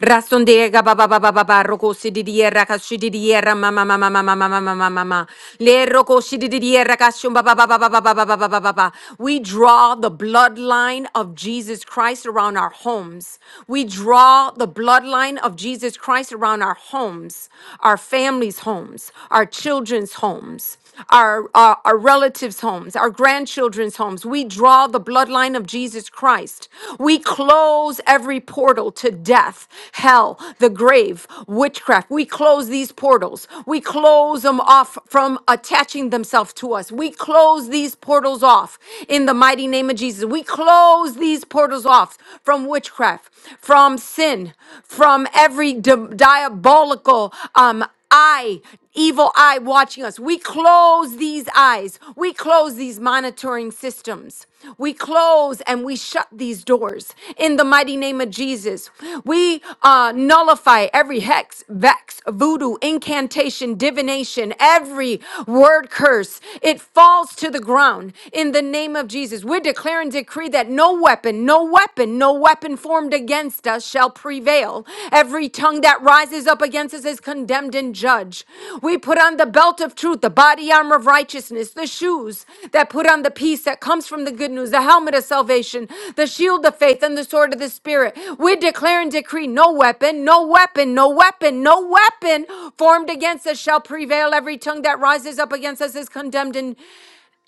[SPEAKER 3] Rasondega baba baba baba roko di kashididiera mama mama mama mama mama mama le roko sididiera kashum baba baba baba baba baba baba baba. We draw the bloodline of Jesus Christ around our homes. We draw the bloodline of Jesus Christ around our homes, our families' homes, our children's homes our, our, our relatives' homes, our grandchildren's homes. We draw the bloodline of Jesus Christ. We close every portal to death, hell, the grave, witchcraft. We close these portals. We close them off from attaching themselves to us. We close these portals off in the mighty name of Jesus. We close these portals off from witchcraft, from sin, from every di- diabolical um, eye, evil eye watching us. We close these eyes. We close these monitoring systems. We close and we shut these doors in the mighty name of Jesus. We uh, nullify every hex, vex, voodoo, incantation, divination, every word curse. It falls to the ground in the name of Jesus. We're declaring decree that no weapon, no weapon, no weapon weapon formed against us shall prevail. Every tongue that rises up against us is condemned and judged. We put on the belt of truth, the body armor of righteousness, the shoes that put on the peace that comes from the good news, the helmet of salvation, the shield of faith, and the sword of the Spirit. We declare and decree no weapon, no weapon, no weapon, no weapon formed against us shall prevail. Every tongue that rises up against us is condemned and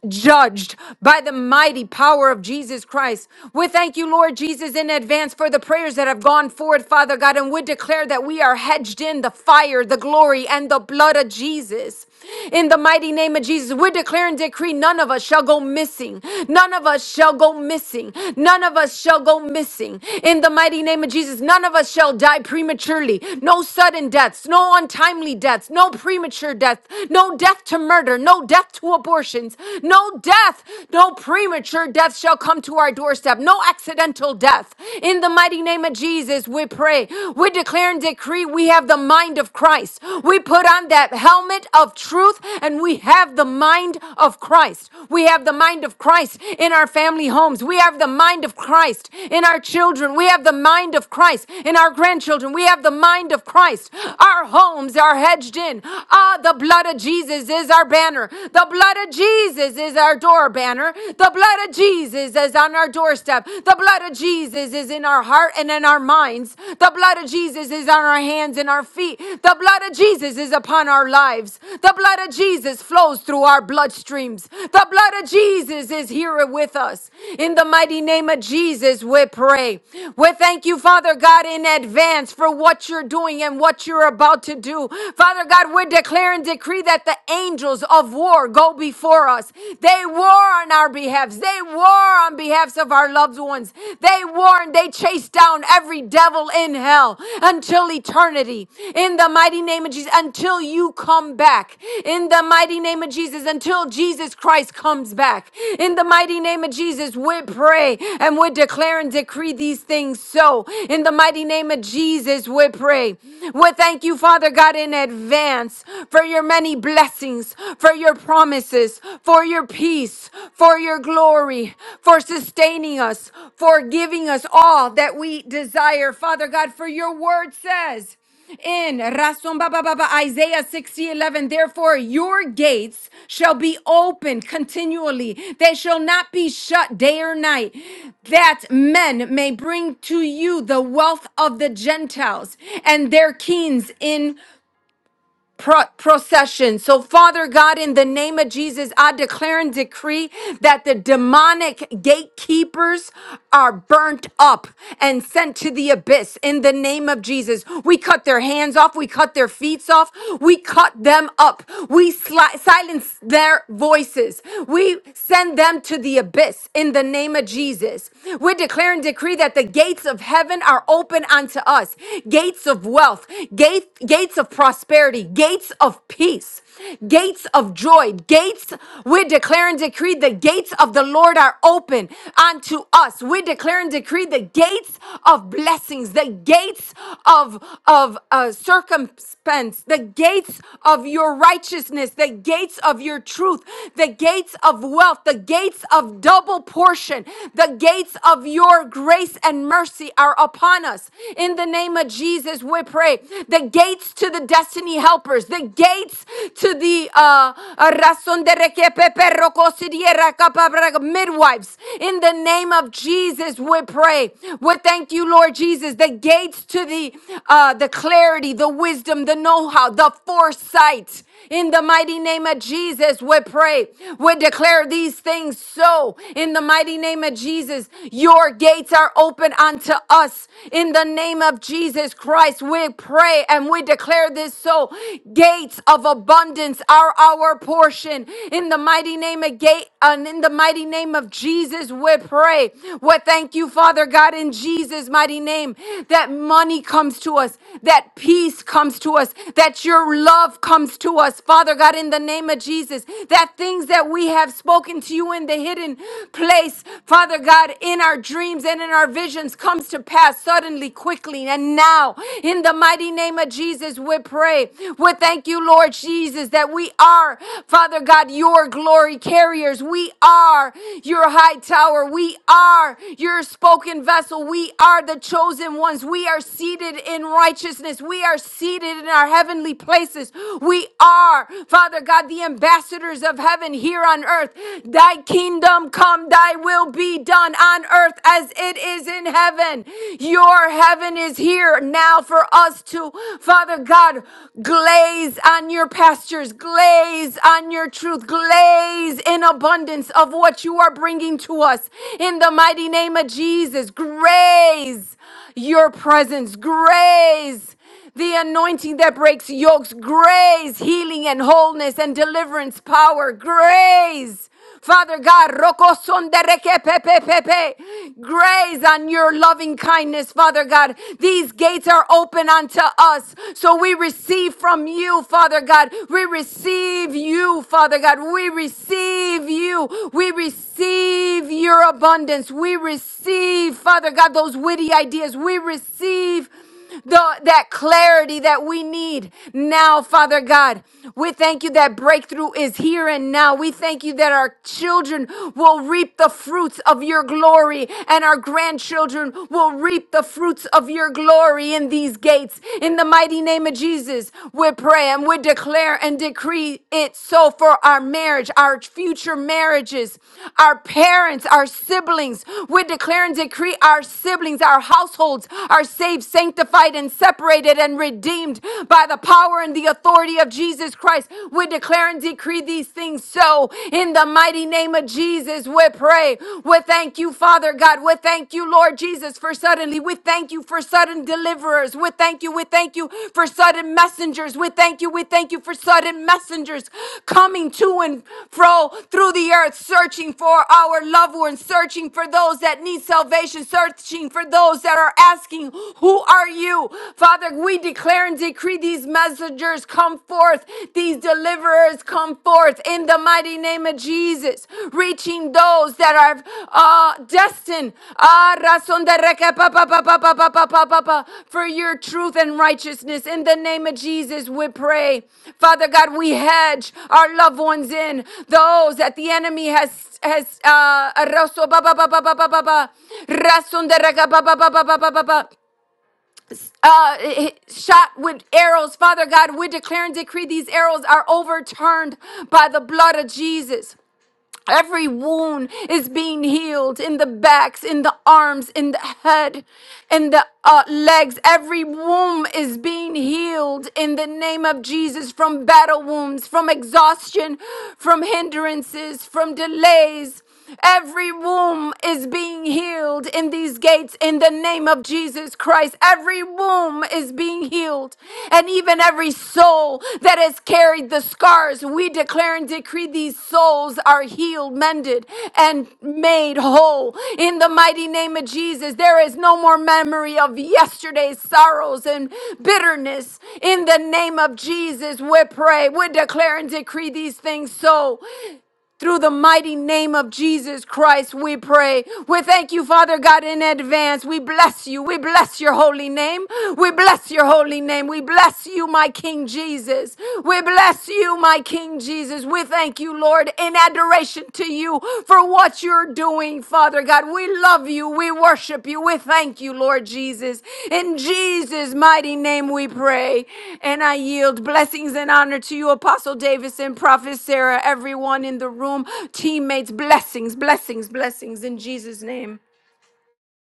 [SPEAKER 3] judged by the mighty power of Jesus Christ. We thank you, Lord Jesus, in advance for the prayers that have gone forward, Father God, and we declare that we are hedged in the fire, the glory, and the blood of Jesus. In the mighty name of Jesus, we declare and decree none of us shall go missing. None of us shall go missing. None of us shall go missing. In the mighty name of Jesus, none of us shall die prematurely. No sudden deaths, no untimely deaths, no premature death, no death to murder, no death to abortions, no death, no premature death shall come to our doorstep, no accidental death. In the mighty name of Jesus, we pray. We declare and decree we have the mind of Christ. We put on that helmet of truth and we have the mind of Christ. We have the mind of Christ in our family homes. We have the mind of Christ in our children. We have the mind of Christ in our grandchildren. We have the mind of Christ. Our homes are hedged in. Ah, the blood of Jesus is our our banner. The blood of Jesus is our door banner. The blood of Jesus is on our doorstep. The blood of Jesus is in our heart and in our minds. The blood of Jesus is on our hands and our feet. The blood of Jesus is upon our lives. The blood of Jesus flows through our bloodstreams. The blood of Jesus is here with us. In the mighty name of Jesus, we pray. We thank you, Father God, in advance for what you're doing and what you're about to do. Father God, we're declaring decrees decree that the angels of war go before us. They war on our behalfs. They war on behalfs of our loved ones. They war and they chase down every devil in hell until eternity. In the mighty name of Jesus, until you come back. In the mighty name of Jesus, until Jesus Christ comes back. In the mighty name of Jesus, we pray and we declare and decree these things so. In the mighty name of Jesus, we pray. We thank you, Father God, in advance advance for your many blessings, for your promises, for your peace, for your glory, for sustaining us, for giving us all that we desire. Father God, for your word says, in Rasun Baba Baba Isaiah 60 11. therefore your gates shall be opened continually, they shall not be shut day or night, that men may bring to you the wealth of the Gentiles and their kings in pro- procession. So, Father God, in the name of Jesus, I declare and decree that the demonic gatekeepers are burnt up and sent to the abyss in the name of Jesus. We cut their hands off, we cut their feet off, we cut them up, we sli- silence their voices, we send them to the abyss in the name of Jesus. We declare and decree that the gates of heaven are open unto us, gates of wealth, Gate, gates of prosperity, gates of peace, gates of joy, gates. We declare and decree the gates of the Lord are open unto us. We declare and decree the gates of blessings, the gates of of uh, circumspence, the gates of your righteousness, the gates of your truth, the gates of wealth, the gates of double portion, the gates of your grace and mercy are upon us in in the name of Jesus, we pray the gates to the destiny helpers, the gates to the uh, midwives. In the name of Jesus, we pray. We thank you, Lord Jesus, the gates to the uh, the clarity, the wisdom, the know-how, the foresight. In the mighty name of Jesus, we pray. We declare these things so. In the mighty name of Jesus, your gates are open unto us. In the name of Jesus Christ, we pray and we declare this so. Gates of abundance are our portion. In the mighty name of gate and in the mighty name of Jesus, we pray. We thank you, Father God, in Jesus' mighty name, that money comes to us, that peace comes to us, that your love comes to us, Father God, in the name of Jesus, that things that we have spoken to you in the hidden place, Father God. God, in our dreams and in our visions comes to pass suddenly, quickly, and now. In the mighty name of Jesus, we pray. We thank you, Lord Jesus, that we are, Father God, your glory carriers. We are your high tower. We are your spoken vessel. We are the chosen ones. We are seated in righteousness. We are seated in our heavenly places. We are, Father God, the ambassadors of heaven here on earth. Thy kingdom kingdom come, thy will be done on earth as it is in heaven. Your heaven is here now for us to, Father God, glaze on your pastures, glaze on your truth, glaze in abundance of what you are bringing to us. In the mighty name of Jesus, graze your presence, graze the anointing that breaks yokes, grace, healing and wholeness and deliverance power, grace. Father God, roko son de reke pe pe pe pe. grace on your loving kindness, Father God. These gates are open unto us, so we receive from you, Father God. We receive you, Father God. We receive you. We receive your abundance. We receive, Father God, those witty ideas. We receive the, that clarity that we need now, Father God. We thank you that breakthrough is here and now. We thank you that our children will reap the fruits of your glory and our grandchildren will reap the fruits of your glory in these gates. In the mighty name of Jesus, we pray and we declare and decree it so for our marriage, our future marriages, our parents, our siblings. We declare and decree our siblings, our households are saved sanctified and separated and redeemed by the power and the authority of Jesus Christ. We declare and decree these things so in the mighty name of Jesus. We pray. We thank you, Father God. We thank you, Lord Jesus, for suddenly. We thank you for sudden deliverers. We thank you. We thank you for sudden messengers. We thank you. We thank you for sudden messengers coming to and fro through the earth, searching for our loved ones, searching for those that need salvation, searching for those that are asking, who are you? Father, we declare and decree these messengers come forth, these deliverers come forth in the mighty name of Jesus, reaching those that are uh, destined ah, razón de reque- pa- pa- pa- pa- pa- pa- pa- pa- pa- pa- for your truth and righteousness. In the name of Jesus, we pray. Father God, we hedge our loved ones in, those that the enemy has has uh, razón ba- ba- ba- ba- ba- ba- ba- ba- razón de reque- ba- ba- ba- ba- ba- ba- ba- ba- uh, shot with arrows. Father God, we declare and decree these arrows are overturned by the blood of Jesus. Every wound is being healed in the backs, in the arms, in the head, in the uh, legs. Every wound is being healed in the name of Jesus from battle wounds, from exhaustion, from hindrances, from delays. Every womb is being healed in these gates in the name of Jesus Christ. Every womb is being healed. And even every soul that has carried the scars, we declare and decree these souls are healed, mended, and made whole. In the mighty name of Jesus, there is no more memory of yesterday's sorrows and bitterness. In the name of Jesus, we pray, we declare and decree these things so. Through the mighty name of Jesus Christ, we pray. We thank you, Father God, in advance. We bless you. We bless your holy name. We bless your holy name. We bless you, my King Jesus. We bless you, my King Jesus. We thank you, Lord, in adoration to you for what you what you're doing, Father God. We love you. We worship you. We thank you, Lord Jesus. In Jesus' mighty name we pray. And I yield blessings and honor to you, Apostle Davison, Prophet Sarah, everyone in the room, teammates, blessings, blessings, blessings in Jesus' name.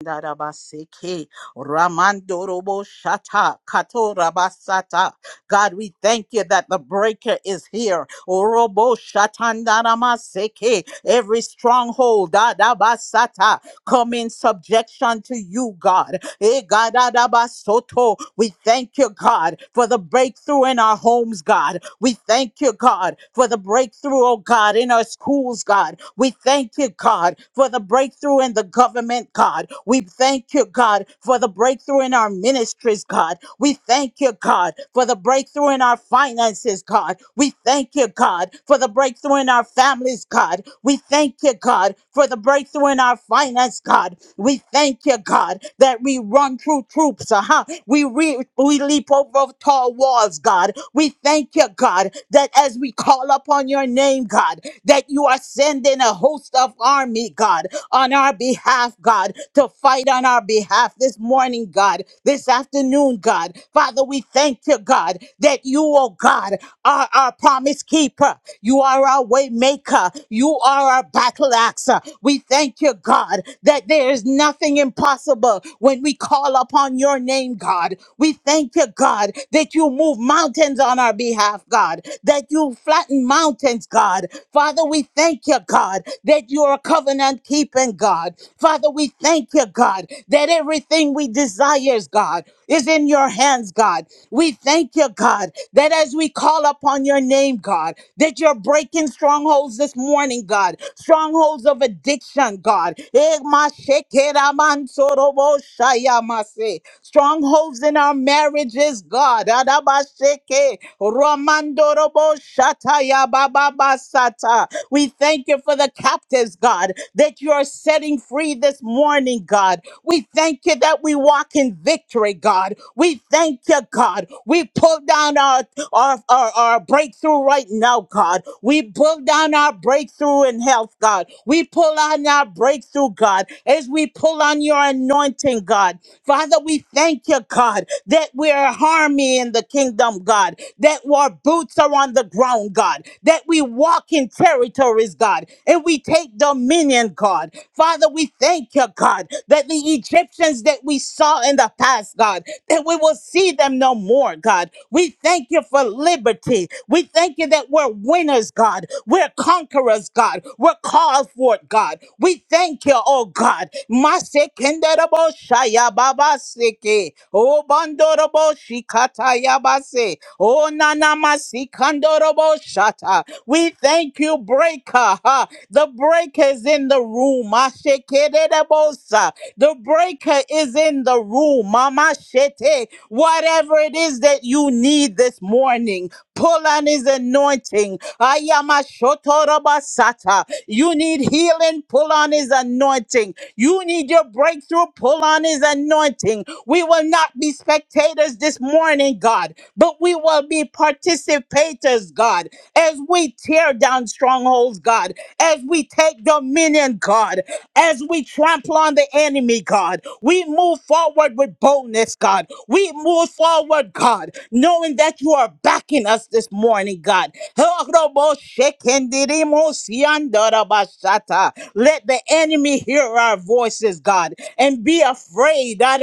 [SPEAKER 4] Darabaseke, Ramandorobo Shata Kato Rabasata. God, we thank you that the breaker is here. Orobo Shatandaramaseke. Every stronghold Dadabasata come in subjection to you, God. Eh, gadadabasoto. We thank you, God, for the breakthrough in our homes, God. We thank you, God, for the breakthrough, oh God, in our schools, God. We thank you, God, for the breakthrough in the government, God. We thank you, God, for the breakthrough in our ministries, God. We thank you thank you, God, for the breakthrough in our finances, God. We thank you, God, for the breakthrough in our families, God. We thank you, God, for the breakthrough in our finance, God. We thank you, God, that we run through troops, uh-huh. We, re- we leap over tall walls, God. We thank you, God, that as we call upon your name, God, that you are sending a host of army, God on our behalf, God, to fight on our behalf this morning, God, this afternoon, God. Father, we thank you, God, that you, oh God, are our promise keeper. You are our way maker. You are our battle axe. We thank you, God, that there is nothing impossible when when we call upon your name, God. We thank you, God, that you move mountains on our behalf, God, that you flatten mountains, God. Father, we thank you, God, that you are covenant keeping God. Father, we thank you, God, that everything we desires, God, is in your hands, God. We thank you, God, that as we call upon your name, God, that you're breaking strongholds this morning, God, strongholds of addiction, God. Eh, ma shekera man sorobo shaya mase. Strongholds in our marriages, God. Adaba sheke, romandorobo shataya bababa sata. We thank you for the captives, God, that you are setting free this morning, God. We thank you that we walk in victory, God. We thank you, God. We pull down our, our, our, our breakthrough right now, God. We pull down our breakthrough in health, God. We pull on our breakthrough, God, as we pull on your anointing, God. Father, we thank you, God, that we are harmony in the kingdom, God that our boots are on the ground, God, that we walk in territories, God, and we take dominion, God. Father, we thank you, God, that the Egyptians that we saw in the past, God, that we will see them no more, God. We thank you for liberty. We thank you that we're winners, God. We're conquerors, God. We're called for it, God. We thank you, oh God. Masekenderabo shayababaseke. O bandorobo shikatayabase. O nanamasikandorobo shata. We thank you, breaker. huh? The breaker is in the room. Mashekedebosa. The breaker is in the room. Mama Shete. Whatever it is that you need this morning, pull on his anointing. Ayama shotorobasata. You need healing, pull on his anointing. You need your breakthrough, pull on his anointing. We will not be spectators this morning, God, but we will be participators, God, as we tear down strongholds, God, as we take dominion, God as we trample on the enemy, God. We move forward with boldness, God. We move forward, God, knowing that you are backing us this morning, God. [LAUGHS] Let the enemy hear our voices, God, and be afraid [LAUGHS] as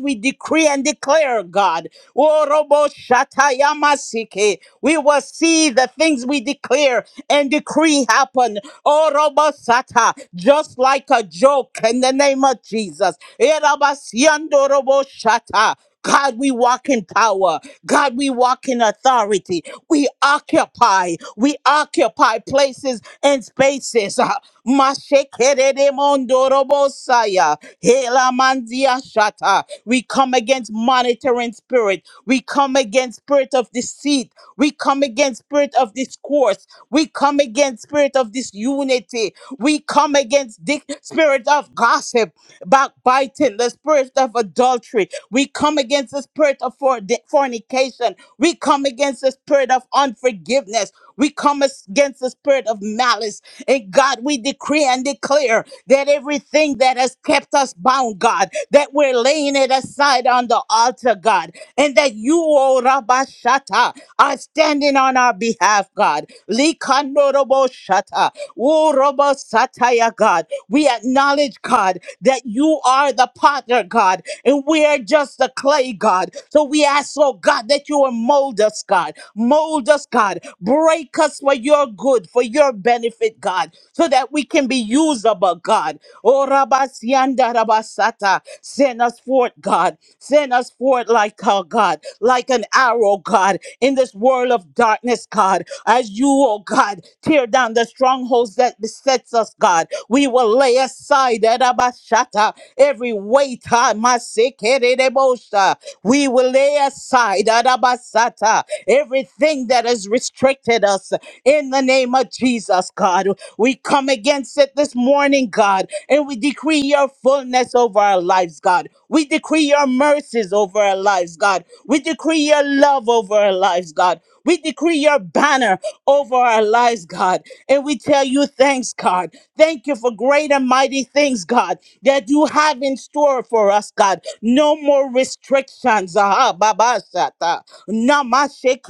[SPEAKER 4] we decree and declare, God. [LAUGHS] We will see the things we declare and decree happen. Orobosata, just like a joke in the name of Jesus. Erabasiandoroboshata. God, we walk in power. God, we walk in authority. We occupy. We occupy places and spaces. [LAUGHS] Ah, mashekereremondorobosaya, helamandiashata. We come against monitoring spirit. We come against spirit of deceit. We come against spirit of discourse. We come against spirit of disunity. We come against the spirit of gossip, backbiting, the spirit of adultery. We come against the spirit of for- fornication. We come against the spirit of unforgiveness. We come as- against the spirit of malice. And God, we decree and declare that everything that has kept us bound, God, that we're laying it aside on the altar, God and that you, O Rabashata, are standing on our behalf, God. Likandoroboshata, Urobosataya, God. We acknowledge, God, that you are the potter, God, and we are just the clay, God. So we ask, oh God, that you will mold us, God. Mold us, God. Break us for your good, for your benefit, God, so that we can be usable, God. Oh, Rabasianda Rabasata, send us forth, God. Send us forth like, oh God, like an hour, oh God, in this world of darkness, God, as you, oh God, tear down the strongholds that besets us, God, we will lay aside Edabashata, every weight, ah, Masekeredebosha. we will lay aside Adabasata, everything that has restricted us, in the name of Jesus, God. We come against it this morning, God, and we decree your fullness over our lives, God. We decree your mercies over our lives, God. We decree your love over our lives, God. We decree your banner over our lives, God. And we tell you thanks, God. Thank you for great and mighty things, God, that you have in store for us, God. No more restrictions. Aha, Baba Shata. Namashe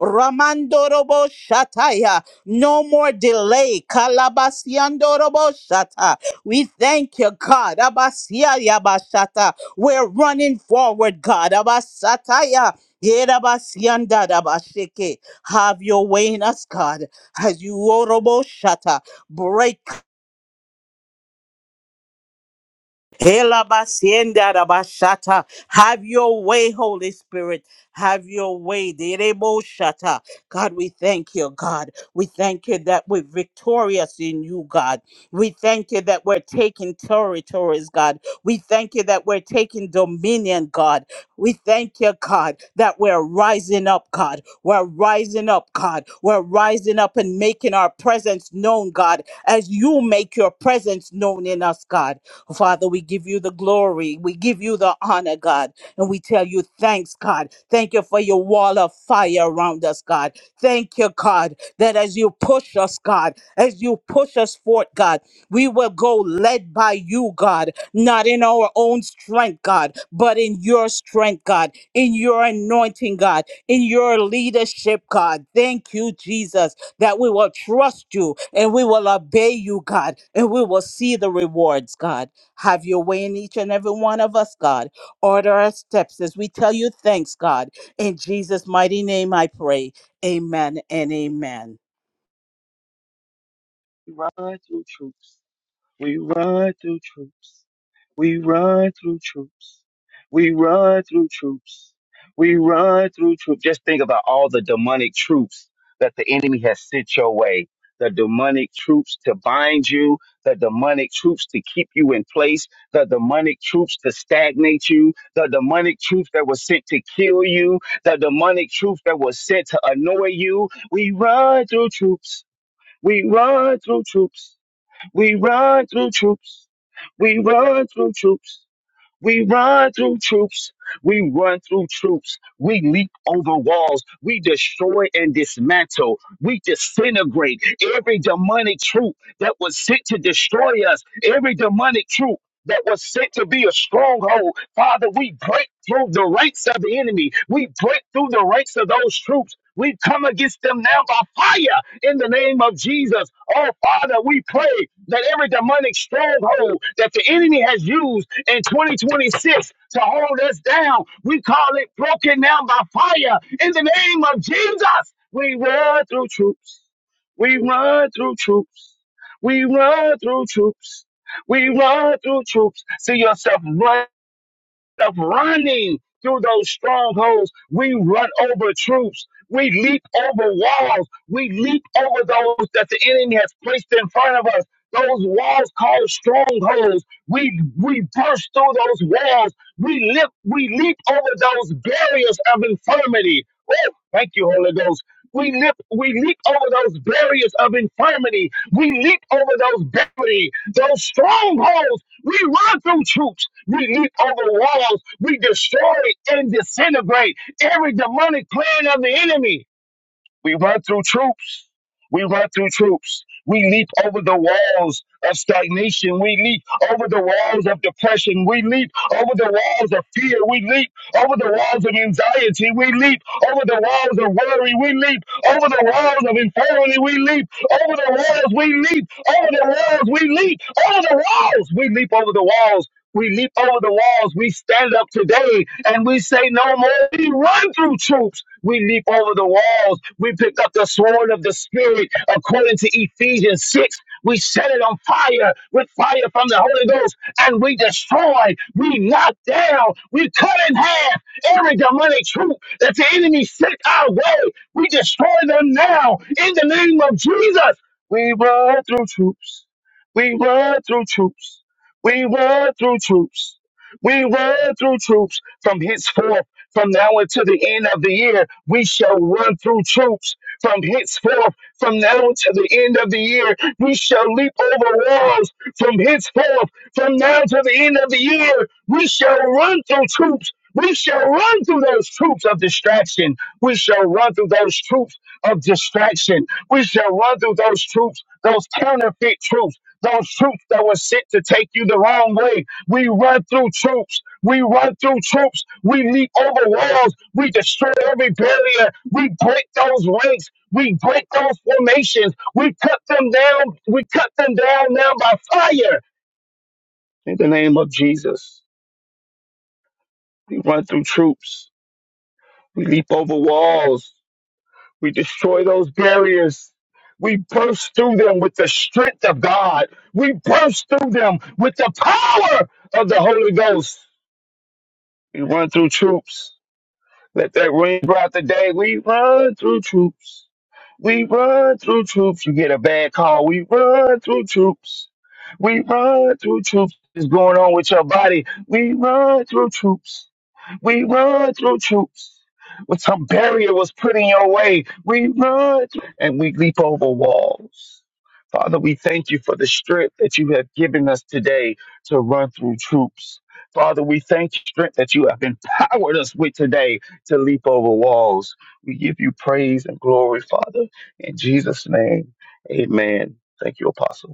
[SPEAKER 4] Ramandorobo Shataya. No more delay. Kalabasiandorobo Shata. We thank you, God. Abasia Yabashata. We're running forward, God. Abasataya. Yerabasianda Dabasheke. Have your way in us, God. As you orobo shata. Break Hela basienda da Have your way, Holy Spirit. Have your way. Derebo God, we thank you, God. We thank you that we're victorious in you, God. We thank you that we're taking territories, God. We thank you that we're taking dominion, God. We thank you, God, that we're rising up, God. We're rising up, God. We're rising up and making our presence known, God, as you make your presence known in us, God. Father, we give you the glory. We give you the honor, God. And we tell you thanks, God. Thank you for your wall of fire around us, God. Thank you, God, that as you push us, God, as you push us forth, God, we will go led by you, God, not in our own strength, God, but in your strength, God, in your anointing, God, in your leadership, God. Thank you, Jesus, that we will trust you and we will obey you, God, and we will see the rewards, God. Have your way in each and every one of us, God. Order our steps as we tell you thanks, God. In Jesus' mighty name I pray. Amen and amen.
[SPEAKER 5] We run through troops. We run through troops. We run through troops. We run through troops. We run through troops. Just think about all the demonic troops that the enemy has sent your way. The demonic troops to bind you, the demonic troops to keep you in place, the demonic troops to stagnate you, the demonic troops that were sent to kill you, the demonic troops that were sent to annoy you. We run through troops. We run through troops. We run through troops. We run through troops. We run through troops. We run through troops. We leap over walls. We destroy and dismantle. We disintegrate every demonic troop that was sent to destroy us, every demonic troop that was sent to be a stronghold. Father, we break through the ranks of the enemy. We break through the ranks of those troops. We come against them now by fire in the name of Jesus. Oh, Father, we pray that every demonic stronghold that the enemy has used in 2026 to hold us down, we call it broken down by fire in the name of Jesus. We run through troops. We run through troops. We run through troops. We run through troops. See yourself run of running through those strongholds, we run over troops. We leap over walls. We leap over those that the enemy has placed in front of us. Those walls called strongholds. We we burst through those walls. We leap we leap over those barriers of infirmity. Oh, thank you, Holy Ghost. We leap we leap over those barriers of infirmity. We leap over those barriers, those strongholds. We run through troops. We leap over walls. We destroy and disintegrate every demonic plan of the enemy. We run through troops. We run through troops. We leap over the walls of stagnation. We leap over the walls of depression. We leap over the walls of fear. We leap over the walls of anxiety. We leap over the walls of worry. We leap over the walls of infirmity. We leap over the walls. We leap over the walls. We leap over the walls. We leap over the walls we leap over the walls. We stand up today and we say no more. We run through troops. We leap over the walls. We pick up the sword of the Spirit according to Ephesians 6. We set it on fire with fire from the Holy Ghost and we destroy. We knock down. We cut in half every demonic troop that the enemy sent our way. We destroy them now in the name of Jesus. We run through troops. We run through troops. We run through troops. We run through troops from henceforth, from now until the end of the year. We shall run through troops from henceforth, from now until the end of the year. We shall leap over walls from henceforth, from now to the end of the year. We shall run through troops. We shall run through those troops of distraction. We shall run through those troops of distraction we shall run through those troops, those counterfeit troops, those troops that were sent to take you the wrong way. We run through troops. We run through troops. We leap over walls. We destroy every barrier. We break those ranks. We break those formations. We cut them down. We cut them down now by fire. In the name of Jesus, we run through troops. We leap over walls. We destroy those barriers. We burst through them with the strength of God. We burst through them with the power of the Holy Ghost. We run through troops. Let that ring throughout the day. We run through troops. We run through troops. You get a bad call. We run through troops. We run through troops. What's going on with your body? We run through troops. We run through troops. When some barrier was put in your way, we run through- and we leap over walls. Father, we thank you for the strength that you have given us today to run through troops. Father, we thank you for the strength that you have empowered us with today to leap over walls. We give you praise and glory, Father. In Jesus' name, amen. Thank you, Apostle.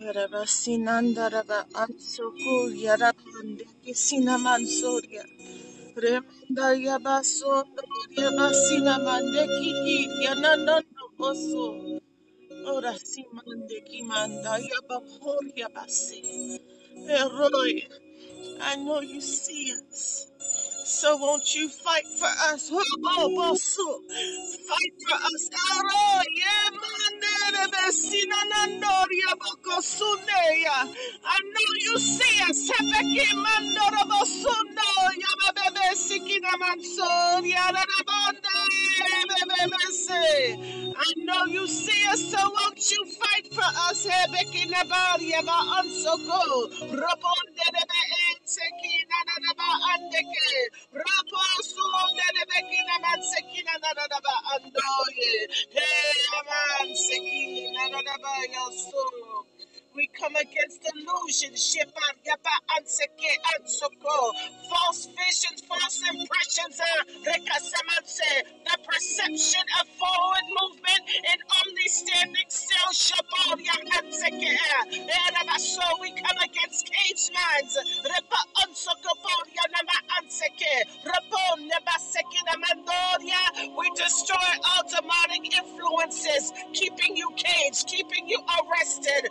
[SPEAKER 6] Yaraba sinandaraba ansoku yarabande kisinamansoriya. Remanda yabaso yaba sinamande kiki yananando oso. Ora simande kimanda yaba hor yabase. Eroi, I know you see us. So won't you fight for us? Hobo boso. Fight for us, Aro, Yemandere, Sinanandoria, Bocosunea. I know you see us, Hepeki, Mandoro, Bosundo, Yababebe, Sikina, Mansoria, Rabande, Bebebese. I know you see us. Hallelujah. So won't you fight for us, Hebekina Badia Ba Ansoko, Raponde de Be na ba Andeke, Raposun de Bekina na ba Andoye, Hey, Man Sekina na ba yaso. We come against illusion, Shepherd, Yaba, Anseke, Ansoko, false visions, false impressions, uh, Rekasamanse, the perception of forward movement and omni-standing still, Shabal, Yahanseke, so we come against cage minds, Reba Ansoko, Bal, Yanama, Anseke, we destroy all demonic influences, keeping you caged, keeping you arrested.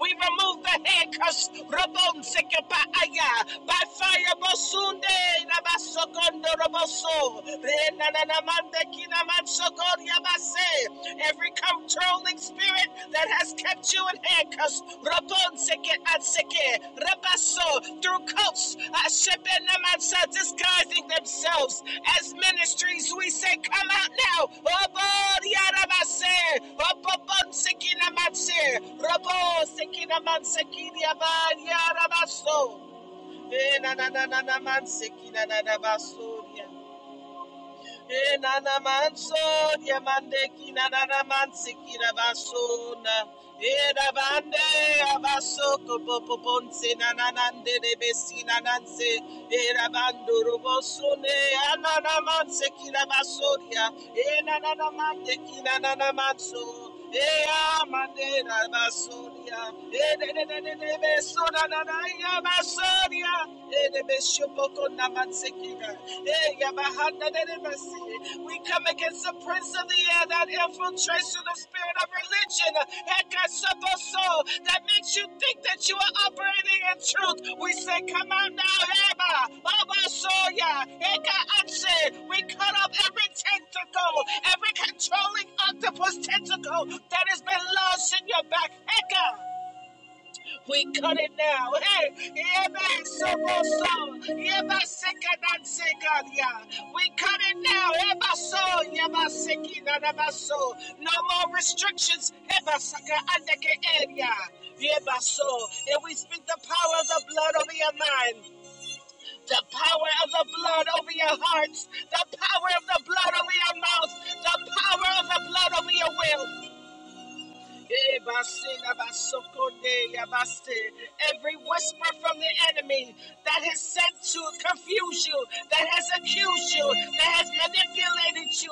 [SPEAKER 6] We remove the handcuffs. By fire Bosunde Nabasokondo Roboso every controlling spirit that has kept you in handcuffs. Rabonseke atseke rabaso through cults ashebenamansa disguising themselves as ministries. We say, come out now. Obodiarabase, obobonsekinamase, robosekinamansekiniabadiarabaso. Eh, na na na na na mansekinanadabasoria. E Enanamanso, Yamandeki, Nananamansiki, Rabasona, Erabande, Abasoko, Poponse, Nananande, Rebesi, Nananse, Erabando, Robosone, Ananamanse, Kirabasoria, Enananamande, Kinanamanso, Ea manera basoria, e de de de de de besona na na ya basoria, e de beshopoko na matsekira, e ya bahanda de de basi. We come against the prince of the air that infiltrates through the spirit of religion. Hekasotoso, that makes you think that you are operating in truth. We say, Come out now, Heba, Baba soya, Heka Atse. We cut off every tentacle, every controlling octopus tentacle that has been lost in your back. Eka, we cut it now. Hey, amen. So, so, yeba seka dan seka ya. We cut it now. Eba so, yeba seki na na ba so. No more restrictions. Eba seka andeke area. Yeba so. And we speak the power of the blood over your mind. The power of the blood over your hearts. The power of the blood over your mouth. The power of the blood over your will. Every whisper from the enemy that has sent to confuse you, that has accused you, that has manipulated you,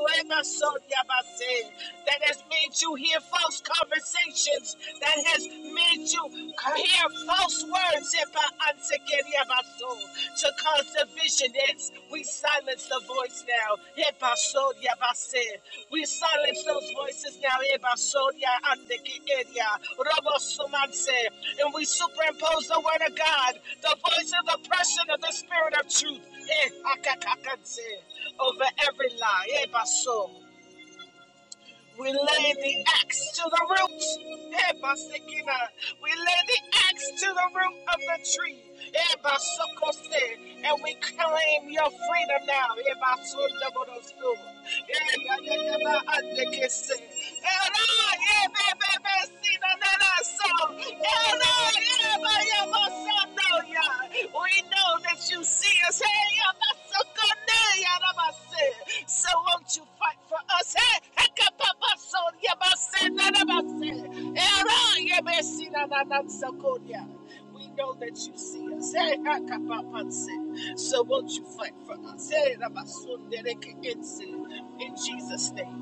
[SPEAKER 6] that has made you hear false conversations, that has made you hear false words to cause division. It's, we silence the voice now. We silence those voices now, Ebasodia and the Kiedia, Robosumanse, and we superimpose the word of God, the voice of oppression of the spirit of truth, eh, Akakakanse, over every lie, Ebaso. We lay the axe to the root. Eh, We lay the axe to the root of the tree. Eh, And we claim your freedom now. Eh, Basundabodosu. Eh, ya, Eh, eh, so. We know that you see us. Hey, so won't you fight for us? Hey, we know that you see us. Hey, so won't you fight for us? Hey, in Jesus' name.